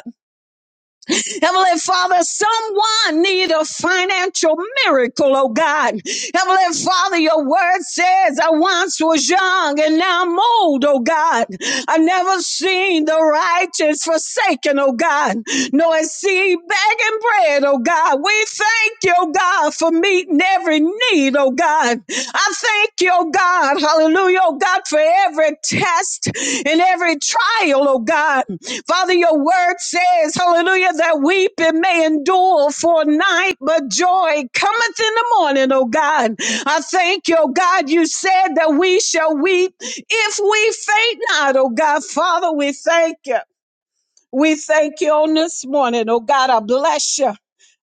[SPEAKER 2] Heavenly Father, someone need a financial miracle, oh God. Heavenly Father, your word says, I once was young and now I'm old, oh God. I never seen the righteous forsaken, oh God. nor I see begging bread, oh God. We thank you, oh God, for meeting every need, oh God. I thank you, oh God, hallelujah, oh God, for every test and every trial, oh God. Father, your word says, hallelujah, that weeping may endure for a night, but joy cometh in the morning, oh God. I thank you, oh God, you said that we shall weep if we faint not, oh God. Father, we thank you. We thank you on this morning. Oh God, I bless you.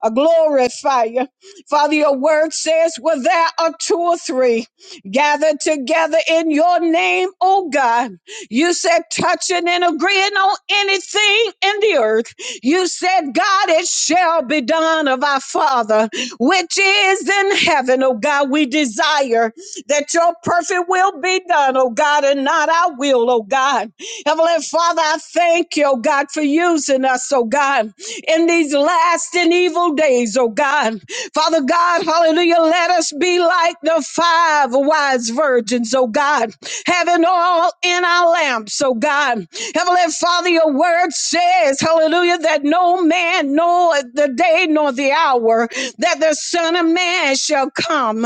[SPEAKER 2] I glorify you. Father, your word says, Well, there are two or three gathered together in your name, oh God. You said, touching and agreeing on anything in the earth. You said, God, it shall be done of our Father, which is in heaven, oh God. We desire that your perfect will be done, oh God, and not our will, oh God. Heavenly Father, I thank you, oh God, for using us, oh God, in these last and evil days, oh God. Father God, hallelujah, let us be like the five wise virgins, oh God, having oil in our lamps, oh God. Heavenly Father, your word says, hallelujah, that no man knoweth the day nor the hour, that that the Son of Man shall come.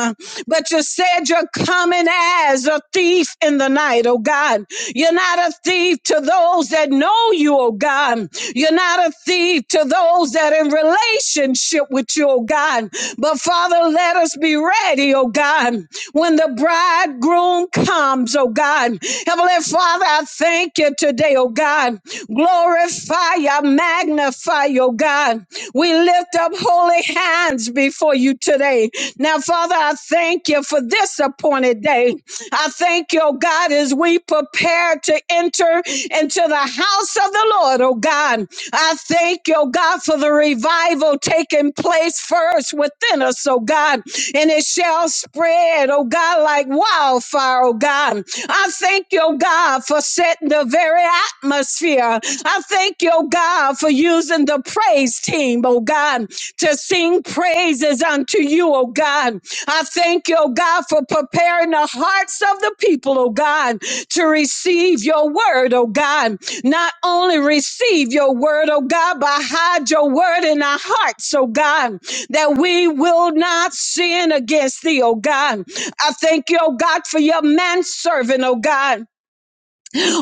[SPEAKER 2] But you said you're coming as a thief in the night, oh God. You're not a thief to those that know you, oh God. You're not a thief to those that are in relationship with you, oh God. But Father, let us be ready, oh God, when the bridegroom comes, oh God. Heavenly Father, I thank you today, oh God. Glorify, I magnify, oh God. We lift up holy hands before you today. Now, Father, I thank you for this appointed day. I thank you, oh God, as we prepare to enter into the house of the Lord, oh God. I thank you, oh God, for the revival taking place first within us, oh God, and it shall spread, oh God, like wildfire, oh God. I thank you, oh God, for setting the very atmosphere. I thank you, oh God, for using the praise team, oh God, to sing praises unto you, oh God. I thank you, oh God, for preparing the hearts of the people, oh God, to receive your word, oh God not only receive your word, oh God, but hide your word in our hearts, oh God, that we will not sin against thee, oh God. I thank you, oh God, for your manservant, oh God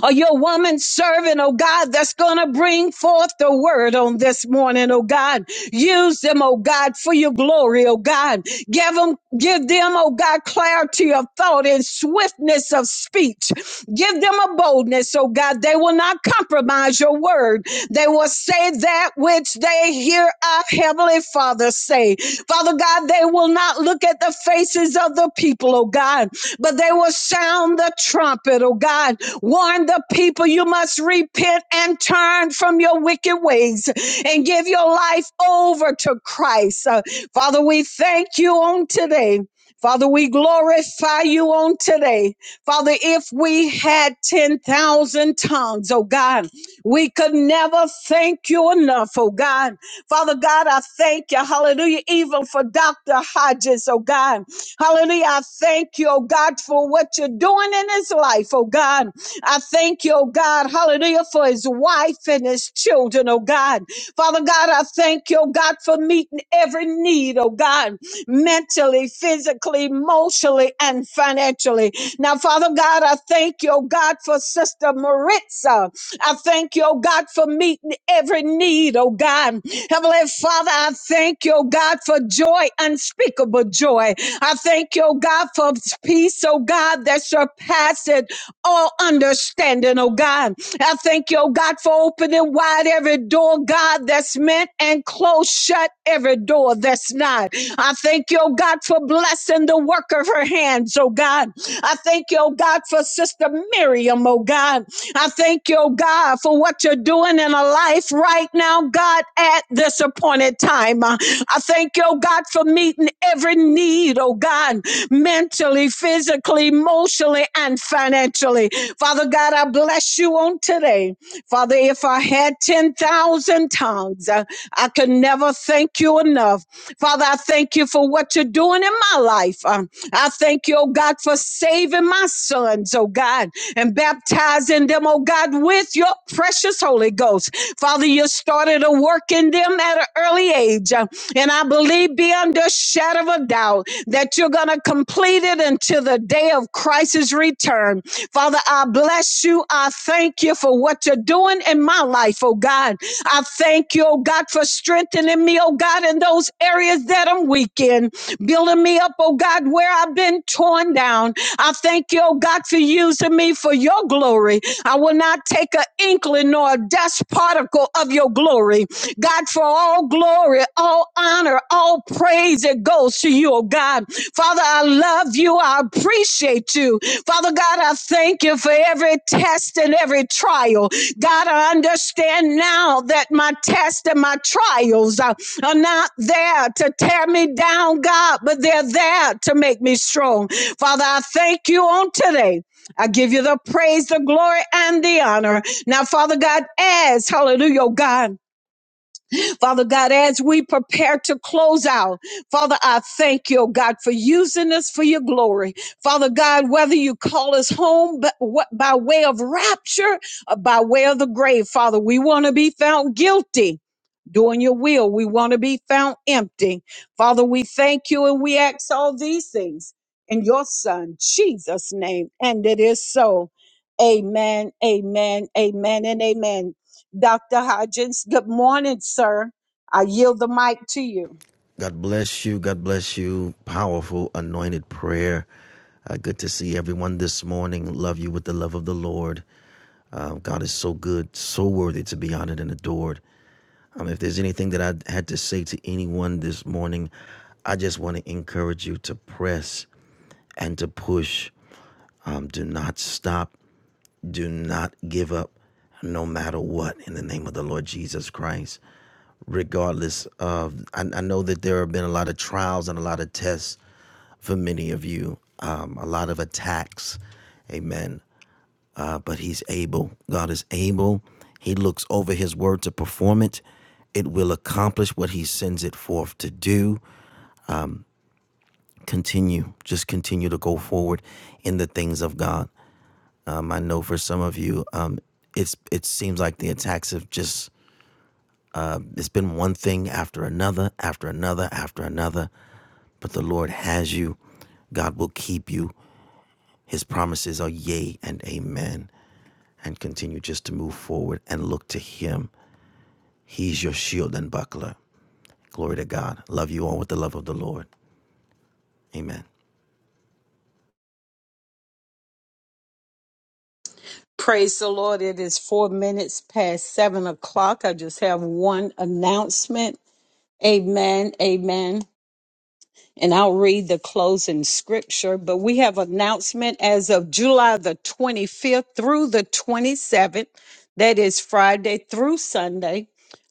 [SPEAKER 2] or your woman servant, oh God, that's going to bring forth the word on this morning, oh God. Use them, oh God, for your glory, oh God. Give them, give them, oh God, clarity of thought and swiftness of speech. Give them a boldness, oh God. They will not compromise your word. They will say that which they hear our Heavenly Father say. Father God, they will not look at the faces of the people, oh God but they will sound the trumpet, oh God. Warn the people you must repent and turn from your wicked ways and give your life over to Christ. Uh, Father, we thank you on today. Father, we glorify you on today. Father, if we had 10,000 tongues, oh God, we could never thank you enough, oh God. Father God, I thank you, hallelujah, even for Dr. Hodges, oh God. Hallelujah. I thank you, oh God, for what you're doing in his life, oh God. I thank you, oh God, hallelujah, for his wife and his children, oh God. Father God, I thank you, oh God, for meeting every need, oh God, mentally, physically, emotionally, and financially. Now, Father God, I thank you, oh God, for Sister Maritza. I thank you, oh God, for meeting every need, oh God. Heavenly Father, I thank you, oh God, for joy, unspeakable joy. I thank you, oh God, for peace, oh God, that surpasses all understanding, oh God. I thank you, oh God, for opening wide every door, God, that's meant and close shut every door that's not. I thank you, oh God, for blessing the work of her hands, oh God. I thank you, oh God, for Sister Miriam, oh God. I thank you, oh God, for what you're doing in a life right now, God, at this appointed time. Uh, I thank you, oh God, for meeting every need, oh God, mentally, physically, emotionally, and financially. Father God, I bless you on today. Father, if I had 10,000 tongues, uh, I could never thank you enough. Father, I thank you for what you're doing in my life. Um, I thank you, oh God, for saving my sons, oh God, and baptizing them, oh God, with your precious Holy Ghost. Father, you started a work in them at an early age. uh, And I believe beyond a shadow of a doubt that you're going to complete it until the day of Christ's return. Father, I bless you. I thank you for what you're doing in my life, oh God. I thank you, oh God, for strengthening me, oh God, in those areas that I'm weak in, building me up, oh God, where I've been torn down. I thank you, oh God, for using me for your glory. I will not take an inkling nor a dust particle of your glory. God, for all glory, all honor, all praise it goes to you, oh God. Father, I love you. I appreciate you. Father God, I thank you for every test and every trial. God, I understand now that my tests and my trials are, are not there to tear me down, God, but they're there to make me strong. Father, I thank you on today. I give you the praise, the glory, and the honor. Now, Father God, as hallelujah, oh God. Father God, as we prepare to close out, Father, I thank you, oh God, for using us for your glory. Father God, whether you call us home but what, by way of rapture or by way of the grave, Father, we want to be found guilty. Doing your will, we want to be found empty. Father, we thank you and we ask all these things in your Son, Jesus' name. And it is so. Amen, amen, amen, and amen. Dr. Hodgins. Good morning, sir. I yield the mic to you.
[SPEAKER 4] God bless you. God bless you. Powerful, anointed prayer. Uh, good to see everyone this morning. Love you with the love of the Lord. Uh, God is so good, so worthy to be honored and adored. Um, if there's anything that I had to say to anyone this morning, I just want to encourage you to press and to push. Um, do not stop. Do not give up no matter what in the name of the Lord Jesus Christ. Regardless of, I, I know that there have been a lot of trials and a lot of tests for many of you, um, a lot of attacks. Amen. Uh, but he's able. God is able. He looks over his word to perform it. It will accomplish what he sends it forth to do. Continue. Just continue to go forward in the things of God. Um, I know for some of you, um, it's it seems like the attacks have just it's been one thing after another, after another, after another. But the Lord has you. God will keep you. His promises are yea and amen. And continue just to move forward and look to Him. He's your shield and buckler. Glory to God. Love you all with the love of the Lord. Amen.
[SPEAKER 2] Praise the Lord. It is four minutes past seven o'clock. I just have one announcement. Amen. Amen. And I'll read the closing scripture. But we have announcement as of July the 25th through the 27th. That is Friday through Sunday.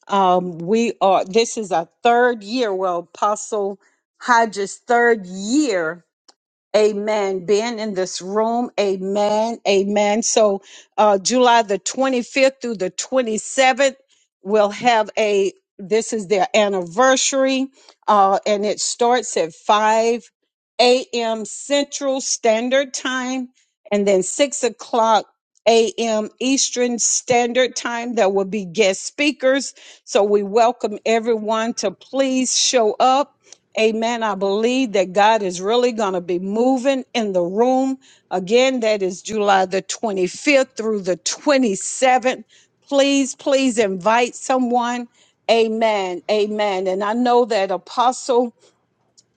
[SPEAKER 2] Um, we are, this is our third year. Well, Apostle Hodges' third year Amen. Being in this room. Amen. Amen. So, uh, July the 25th through the 27th, we'll have a, this is their anniversary. Uh, and it starts at 5 a.m. Central Standard Time and then 6 o'clock a.m. Eastern Standard Time. There will be guest speakers. So we welcome everyone to please show up Amen. I believe that God is really going to be moving in the room. Again, that is July the 25th through the 27th. Please, please invite someone. Amen. Amen. And I know that Apostle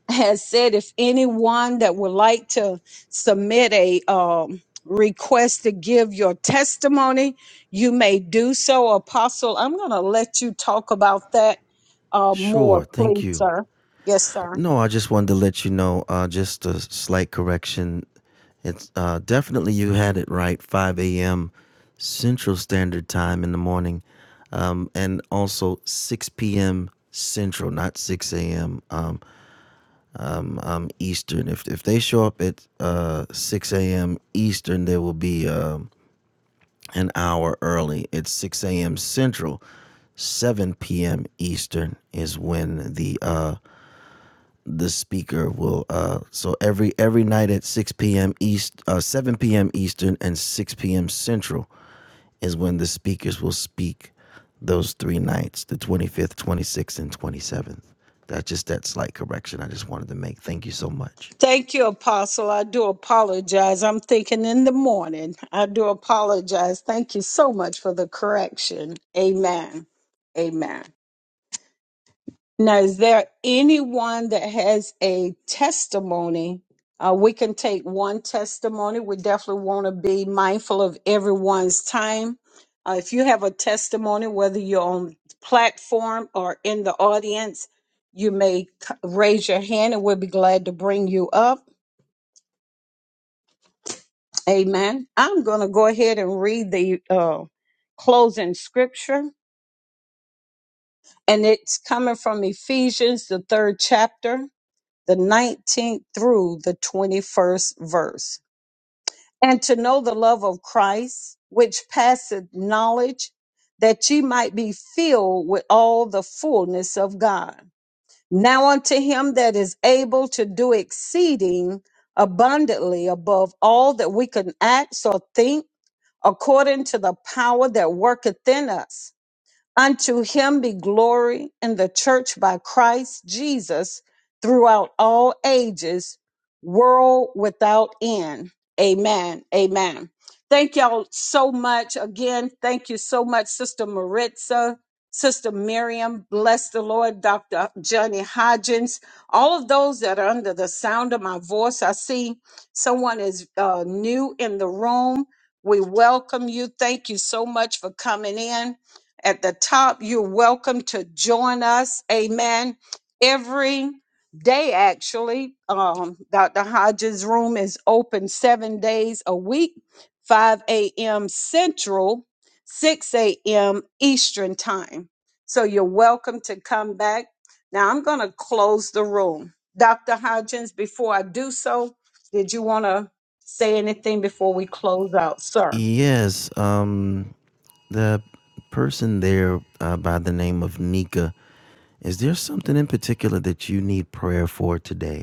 [SPEAKER 2] has said if anyone that would like to submit a um, request to give your testimony, you may do so. Apostle, I'm going to let you talk about that uh, more,
[SPEAKER 4] Sure. Thank
[SPEAKER 2] please,
[SPEAKER 4] you.
[SPEAKER 2] sir. Yes, sir.
[SPEAKER 4] No, I just wanted to let you know, uh, just a slight correction. It's uh, definitely you had it right, 5 a.m. Central Standard Time in the morning, um, and also 6 p.m. Central, not 6 a.m. Um, Eastern. If if they show up at uh, 6 a.m. Eastern, they will be um an hour early. It's 6 a.m. Central. 7 p.m. Eastern is when the uh, the speaker will uh so every every night at 6 p.m east uh 7 p.m eastern and 6 p.m central is when the speakers will speak those three nights the 25th 26th and 27th that's just that slight correction i just wanted to make thank you so much
[SPEAKER 2] Thank you, Apostle. I do apologize. I'm thinking in the morning. I do apologize. Thank you so much for the correction. Amen. Amen. Now, is there anyone that has a testimony? Uh, we can take one testimony. We definitely want to be mindful of everyone's time. Uh, if you have a testimony, whether you're on platform or in the audience, you may c- raise your hand and we'll be glad to bring you up Amen. I'm going to go ahead and read the uh, closing scripture, and it's coming from Ephesians, the third chapter, the 19th through the 21st verse. And to know the love of Christ, which passeth knowledge, that ye might be filled with all the fullness of God. Now unto him that is able to do exceeding abundantly above all that we can ask or think according to the power that worketh in us. Unto him be glory in the church by Christ Jesus throughout all ages, world without end. Amen. Amen. Thank y'all so much. Again, thank you so much, Sister Maritza, Sister Miriam. Bless the Lord, Dr. Johnny Hodgins. All of those that are under the sound of my voice, I see someone is uh, new in the room. We welcome you. Thank you so much for coming in at the top. You're welcome to join us. Amen. Every day, actually, um, Dr. Hodges' room is open seven days a week, 5 a.m. Central, 6 a.m. Eastern Time. So you're welcome to come back. Now I'm going to close the room. Dr. Hodges. before I do so, did you want to say anything before we close out, sir?
[SPEAKER 4] yes um the person there uh, by the name of nika is there something in particular that you need prayer for today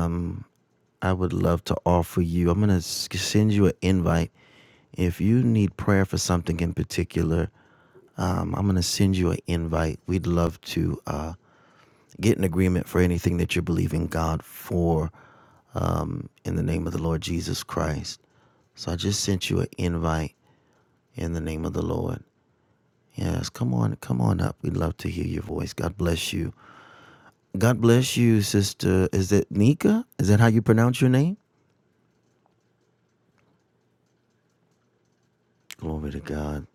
[SPEAKER 4] Um. I would love to offer you. I'm going to send you an invite. If you need prayer for something in particular, um, I'm going to send you an invite. We'd love to uh, get an agreement for anything that you're believing God for um, in the name of the Lord Jesus Christ. So I just sent you an invite in the name of the Lord. Yes, come on, come on up. We'd love to hear your voice. God bless you. God bless you, sister. Is it Nika? Is that how you pronounce your name? Glory to God.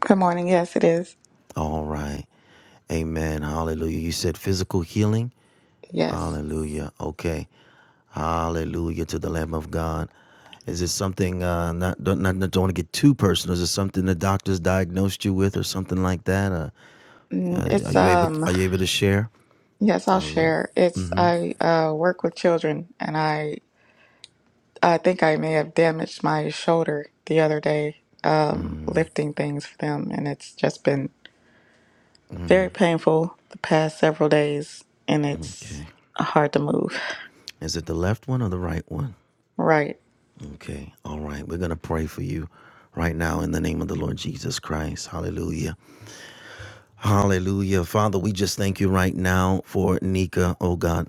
[SPEAKER 5] Good morning. Yes, it is.
[SPEAKER 4] All right. Amen. Hallelujah. You said physical healing?
[SPEAKER 5] Yes.
[SPEAKER 4] Hallelujah. Okay. Hallelujah to the Lamb of God. Is it something, uh, not, don't, not, not- do not want to get too personal. Is it something the doctors diagnosed you with or something like that? Uh,
[SPEAKER 5] Mm,
[SPEAKER 4] uh, are
[SPEAKER 5] It's
[SPEAKER 4] you able,
[SPEAKER 5] um
[SPEAKER 4] are you able to share?
[SPEAKER 5] yes, I'll
[SPEAKER 4] Hallelujah.
[SPEAKER 5] share. It's I uh work with children and I I think I may have damaged my shoulder the other day um lifting things for them and it's just been very painful the past several days and it's
[SPEAKER 4] Okay.
[SPEAKER 5] hard to move.
[SPEAKER 4] Is it the left one or the right one?
[SPEAKER 5] Right.
[SPEAKER 4] Okay. All right. We're going to pray for you right now in the name of the Lord Jesus Christ. Hallelujah. Hallelujah. Father, we just thank you right now for Nika, oh God.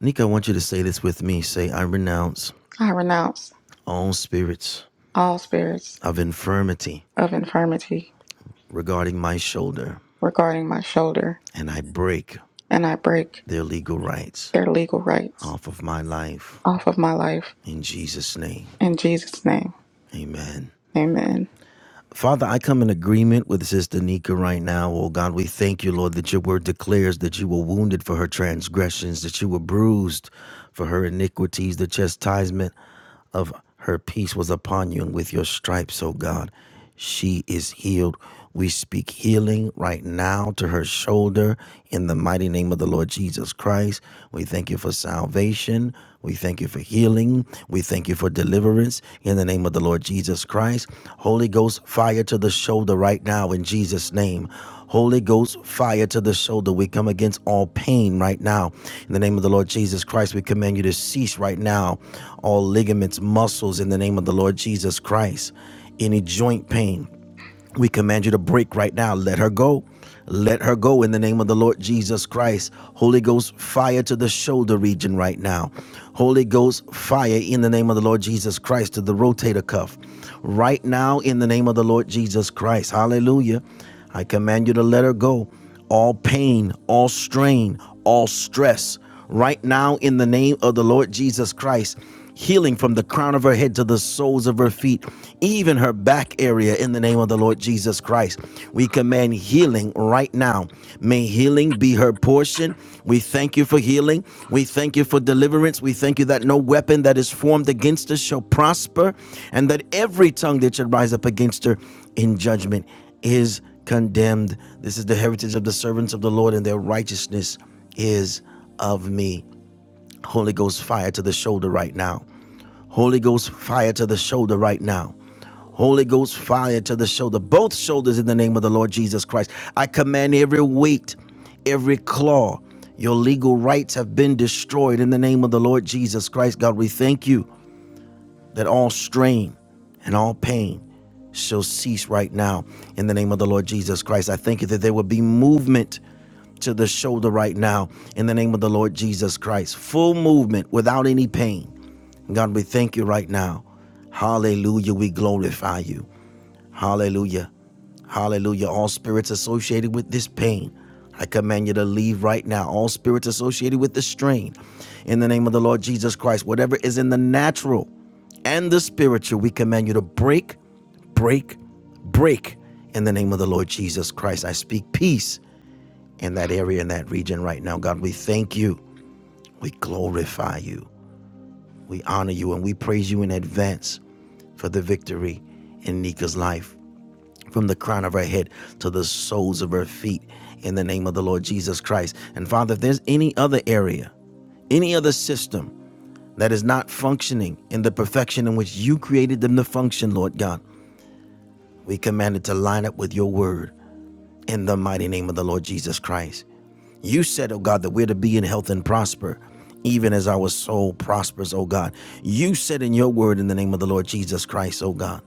[SPEAKER 4] Nika, I want you to say this with me. Say, I renounce
[SPEAKER 5] I renounce
[SPEAKER 4] all spirits
[SPEAKER 5] all spirits
[SPEAKER 4] of infirmity
[SPEAKER 5] of infirmity
[SPEAKER 4] regarding my shoulder,
[SPEAKER 5] regarding my shoulder
[SPEAKER 4] and I break
[SPEAKER 5] and I break
[SPEAKER 4] their legal rights
[SPEAKER 5] their legal rights
[SPEAKER 4] off of my life.
[SPEAKER 5] off of my life
[SPEAKER 4] In Jesus' name,
[SPEAKER 5] in Jesus name.
[SPEAKER 4] amen.
[SPEAKER 5] Amen.
[SPEAKER 4] Father, I come in agreement with Sister Nika right now. Oh God, we thank you, Lord, that your word declares that you were wounded for her transgressions, that you were bruised for her iniquities, the chastisement of her peace was upon you, and with your stripes, O God, she is healed. We speak healing right now to her shoulder in the mighty name of the Lord Jesus Christ. We thank you for salvation. We thank you for healing. We thank you for deliverance in the name of the Lord Jesus Christ. Holy Ghost fire to the shoulder right now in Jesus' name. Holy Ghost fire to the shoulder. We come against all pain right now. In the name of the Lord Jesus Christ, we command you to cease right now all ligaments, muscles in the name of the Lord Jesus Christ. Any joint pain, we command you to break right now. Let her go. Let her go in the name of the Lord Jesus Christ. Holy Ghost fire to the shoulder region right now. Holy Ghost fire in the name of the Lord Jesus Christ to the rotator cuff. Right now in the name of the Lord Jesus Christ. Hallelujah. I command you to let her go. All pain, all strain, all stress right now in the name of the Lord Jesus Christ. Healing from the crown of her head to the soles of her feet, even her back area, in the name of the Lord Jesus Christ. We command healing right now. May healing be her portion. We thank you for healing. We thank you for deliverance. We thank you that no weapon that is formed against us shall prosper, and that every tongue that should rise up against her in judgment is condemned. This is the heritage of the servants of the Lord, and their righteousness is of me. Holy Ghost fire to the shoulder right now. Holy Ghost fire to the shoulder right now. Holy Ghost fire to the shoulder, both shoulders in the name of the Lord Jesus Christ. I command every weight, every claw, your legal rights have been destroyed in the name of the Lord Jesus Christ. God, we thank you that all strain and all pain shall cease right now in the name of the Lord Jesus Christ. I thank you that there will be movement to the shoulder right now in the name of the Lord Jesus Christ. Full movement without any pain. God, we thank you right now. Hallelujah. We glorify you. Hallelujah. Hallelujah. All spirits associated with this pain, I command you to leave right now. All spirits associated with the strain, in the name of the Lord Jesus Christ, whatever is in the natural and the spiritual, we command you to break, break, break. In the name of the Lord Jesus Christ, I speak peace in that area, in that region right now. God, we thank you. We glorify you. We honor you and we praise you in advance for the victory in Nika's life from the crown of her head to the soles of her feet in the name of the Lord Jesus Christ. And Father, if there's any other area, any other system that is not functioning in the perfection in which you created them to function, Lord God, we command it to line up with your word in the mighty name of the Lord Jesus Christ. You said, oh God, that we're to be in health and prosper, even as our soul prospers, oh God. You said in your word, in the name of the Lord Jesus Christ, oh God,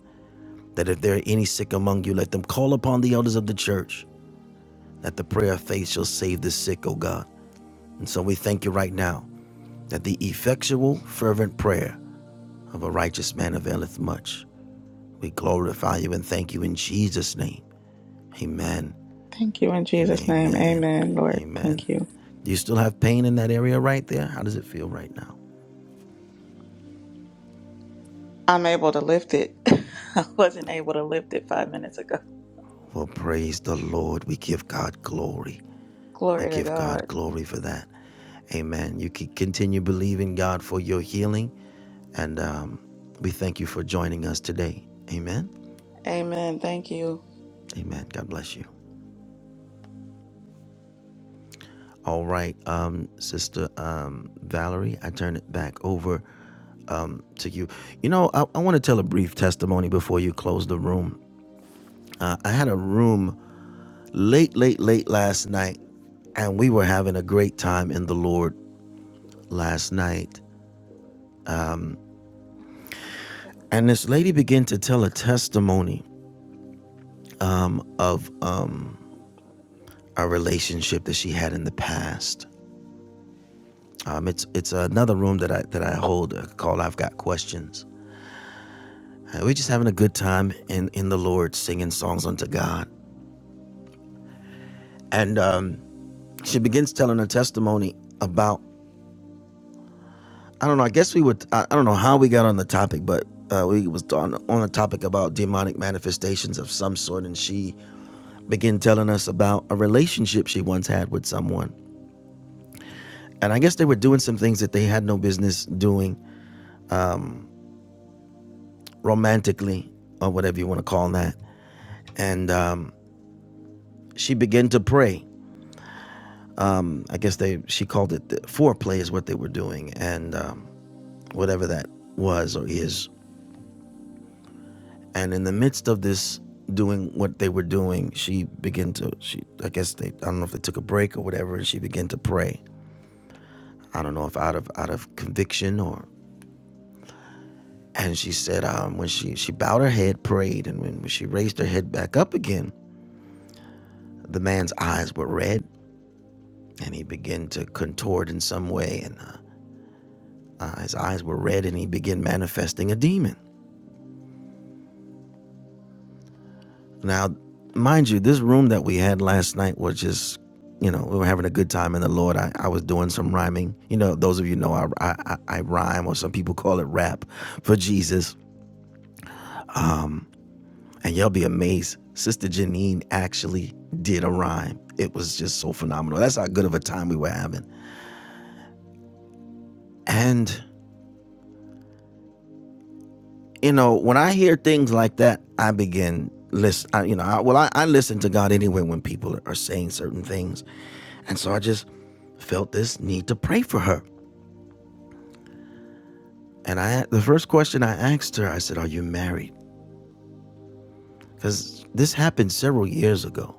[SPEAKER 4] that if there are any sick among you, let them call upon the elders of the church that the prayer of faith shall save the sick, O God. And so we thank you right now that the effectual, fervent prayer of a righteous man availeth much. We glorify you and thank you in Jesus' name. Amen
[SPEAKER 5] Thank you in
[SPEAKER 4] and
[SPEAKER 5] Jesus' name.
[SPEAKER 4] amen.
[SPEAKER 5] Amen, Lord.
[SPEAKER 4] Amen.
[SPEAKER 5] Thank you.
[SPEAKER 4] Do you still have pain in that area right there? How does it feel right now?
[SPEAKER 5] I'm able to lift it. I wasn't able to lift it five minutes ago.
[SPEAKER 4] Well, praise the Lord. We give God glory. We
[SPEAKER 5] Glory to
[SPEAKER 4] give
[SPEAKER 5] God.
[SPEAKER 4] God glory for that. Amen. You can continue believing God for your healing. And um, we thank you for joining us today. Amen.
[SPEAKER 5] Amen. Thank you.
[SPEAKER 4] Amen. God bless you. All right, um, Sister um, Valerie, I turn it back over um, to you. You know, I, I want to tell a brief testimony before you close the room. Uh, I had a room late, late, late last night, and we were having a great time in the Lord last night. And this lady began to tell a testimony of uh, a relationship that she had in the past. Um, it's it's another room that I that I hold uh, called I've Got Questions Uh, we're just having a good time in, in the Lord, singing songs unto God. And um, she begins telling her testimony about, I don't know, I guess we would, I, I don't know how we got on the topic, but uh, we was on, on a topic about demonic manifestations of some sort. And she began telling us about a relationship she once had with someone. And I guess they were doing some things that they had no business doing romantically, or whatever you want to call that. And um, she began to pray I guess they she called it the foreplay is what they were doing, and um, whatever that was or is. And in the midst of this doing what they were doing, she began to she I guess they I don't know if they took a break or whatever, and she began to pray. I don't know if out of out of conviction or and she said um, when she she bowed her head, prayed, and when she raised her head back up again, the man's eyes were red, and he began to contort in some way, and uh, uh, his eyes were red, and he began manifesting a demon. Now, mind you, this room that we had last night was just, you know, we were having a good time in the Lord. I, I was doing some rhyming. You know, those of you know I, I I rhyme, or some people call it rap for Jesus. And y'all be amazed. Sister Janine actually did a rhyme. It was just so phenomenal. That's how good of a time we were having. And you know, when I hear things like that, I begin listen. I, you know, I, well, I, I listen to God anyway when people are saying certain things, and so I just felt this need to pray for her And I, the first question I asked her, I said, "Are you married?" Because this happened several years ago.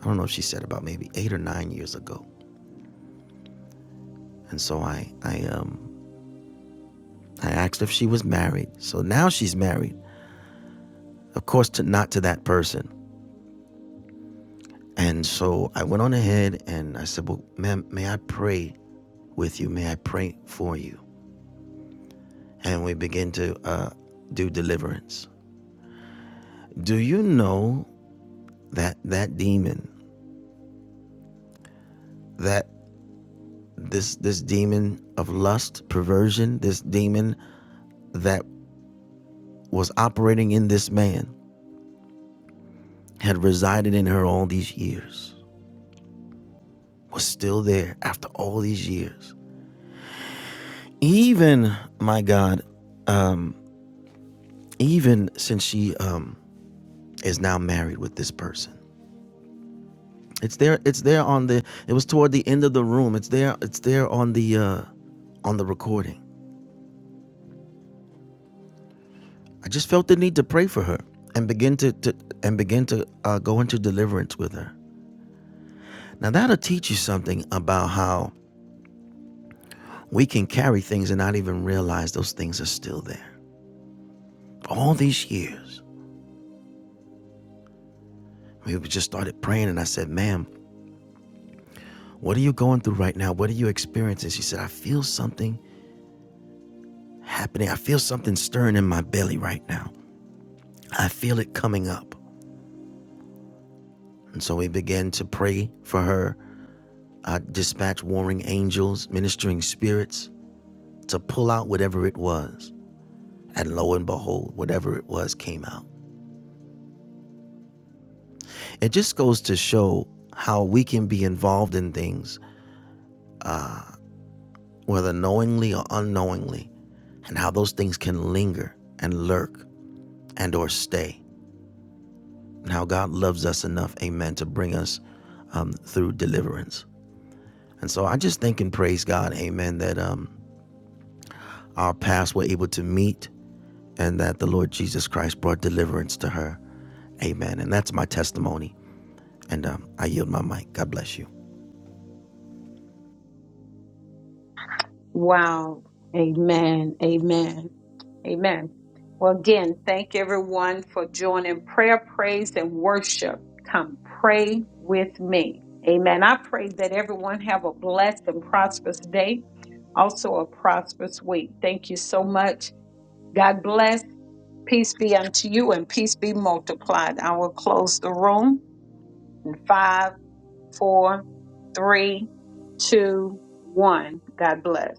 [SPEAKER 4] I don't know if she said about maybe eight or nine years ago. And so I, I, um, I asked if she was married. So now she's married, of course, to not to that person. And so I went on ahead and I said, "Well, ma'am, may I pray with you? May I pray for you?" And we begin to uh, do deliverance. Do you know that that demon, that this this demon of lust, perversion, this demon that was operating in this man had resided in her all these years, was still there after all these years. Even my God, um, even since she um, is now married with this person, it's there. It's there on the. It was toward the end of the room. It's there. It's there on the uh, on the recording. I just felt the need to pray for her and begin to, to and begin to uh, go into deliverance with her. Now, that'll teach you something about how we can carry things and not even realize those things are still there. All these years, we just started praying, and I said, Ma'am, what are you going through right now? What are you experiencing? She said, I feel something happening. I feel something stirring in my belly right now. I feel it coming up. And so we began to pray for her. I dispatched warring angels, ministering spirits to pull out whatever it was. And lo and behold, whatever it was came out. It just goes to show how we can be involved in things, whether knowingly or unknowingly, and how those things can linger and lurk and or stay. And how God loves us enough, amen, to bring us um, through deliverance. And so I just think and praise God, amen, that um, our paths were able to meet and that the Lord Jesus Christ brought deliverance to her. Amen. And that's my testimony. And um, I yield my mic. God bless you.
[SPEAKER 2] Wow. Amen. Amen. Amen. Well, again, thank everyone for joining prayer, praise, and worship. Come pray with me. Amen. I pray that everyone have a blessed and prosperous day, also a prosperous week. Thank you so much. God bless. Peace be unto you and peace be multiplied. I will close the room in five, four, three, two, one. God bless.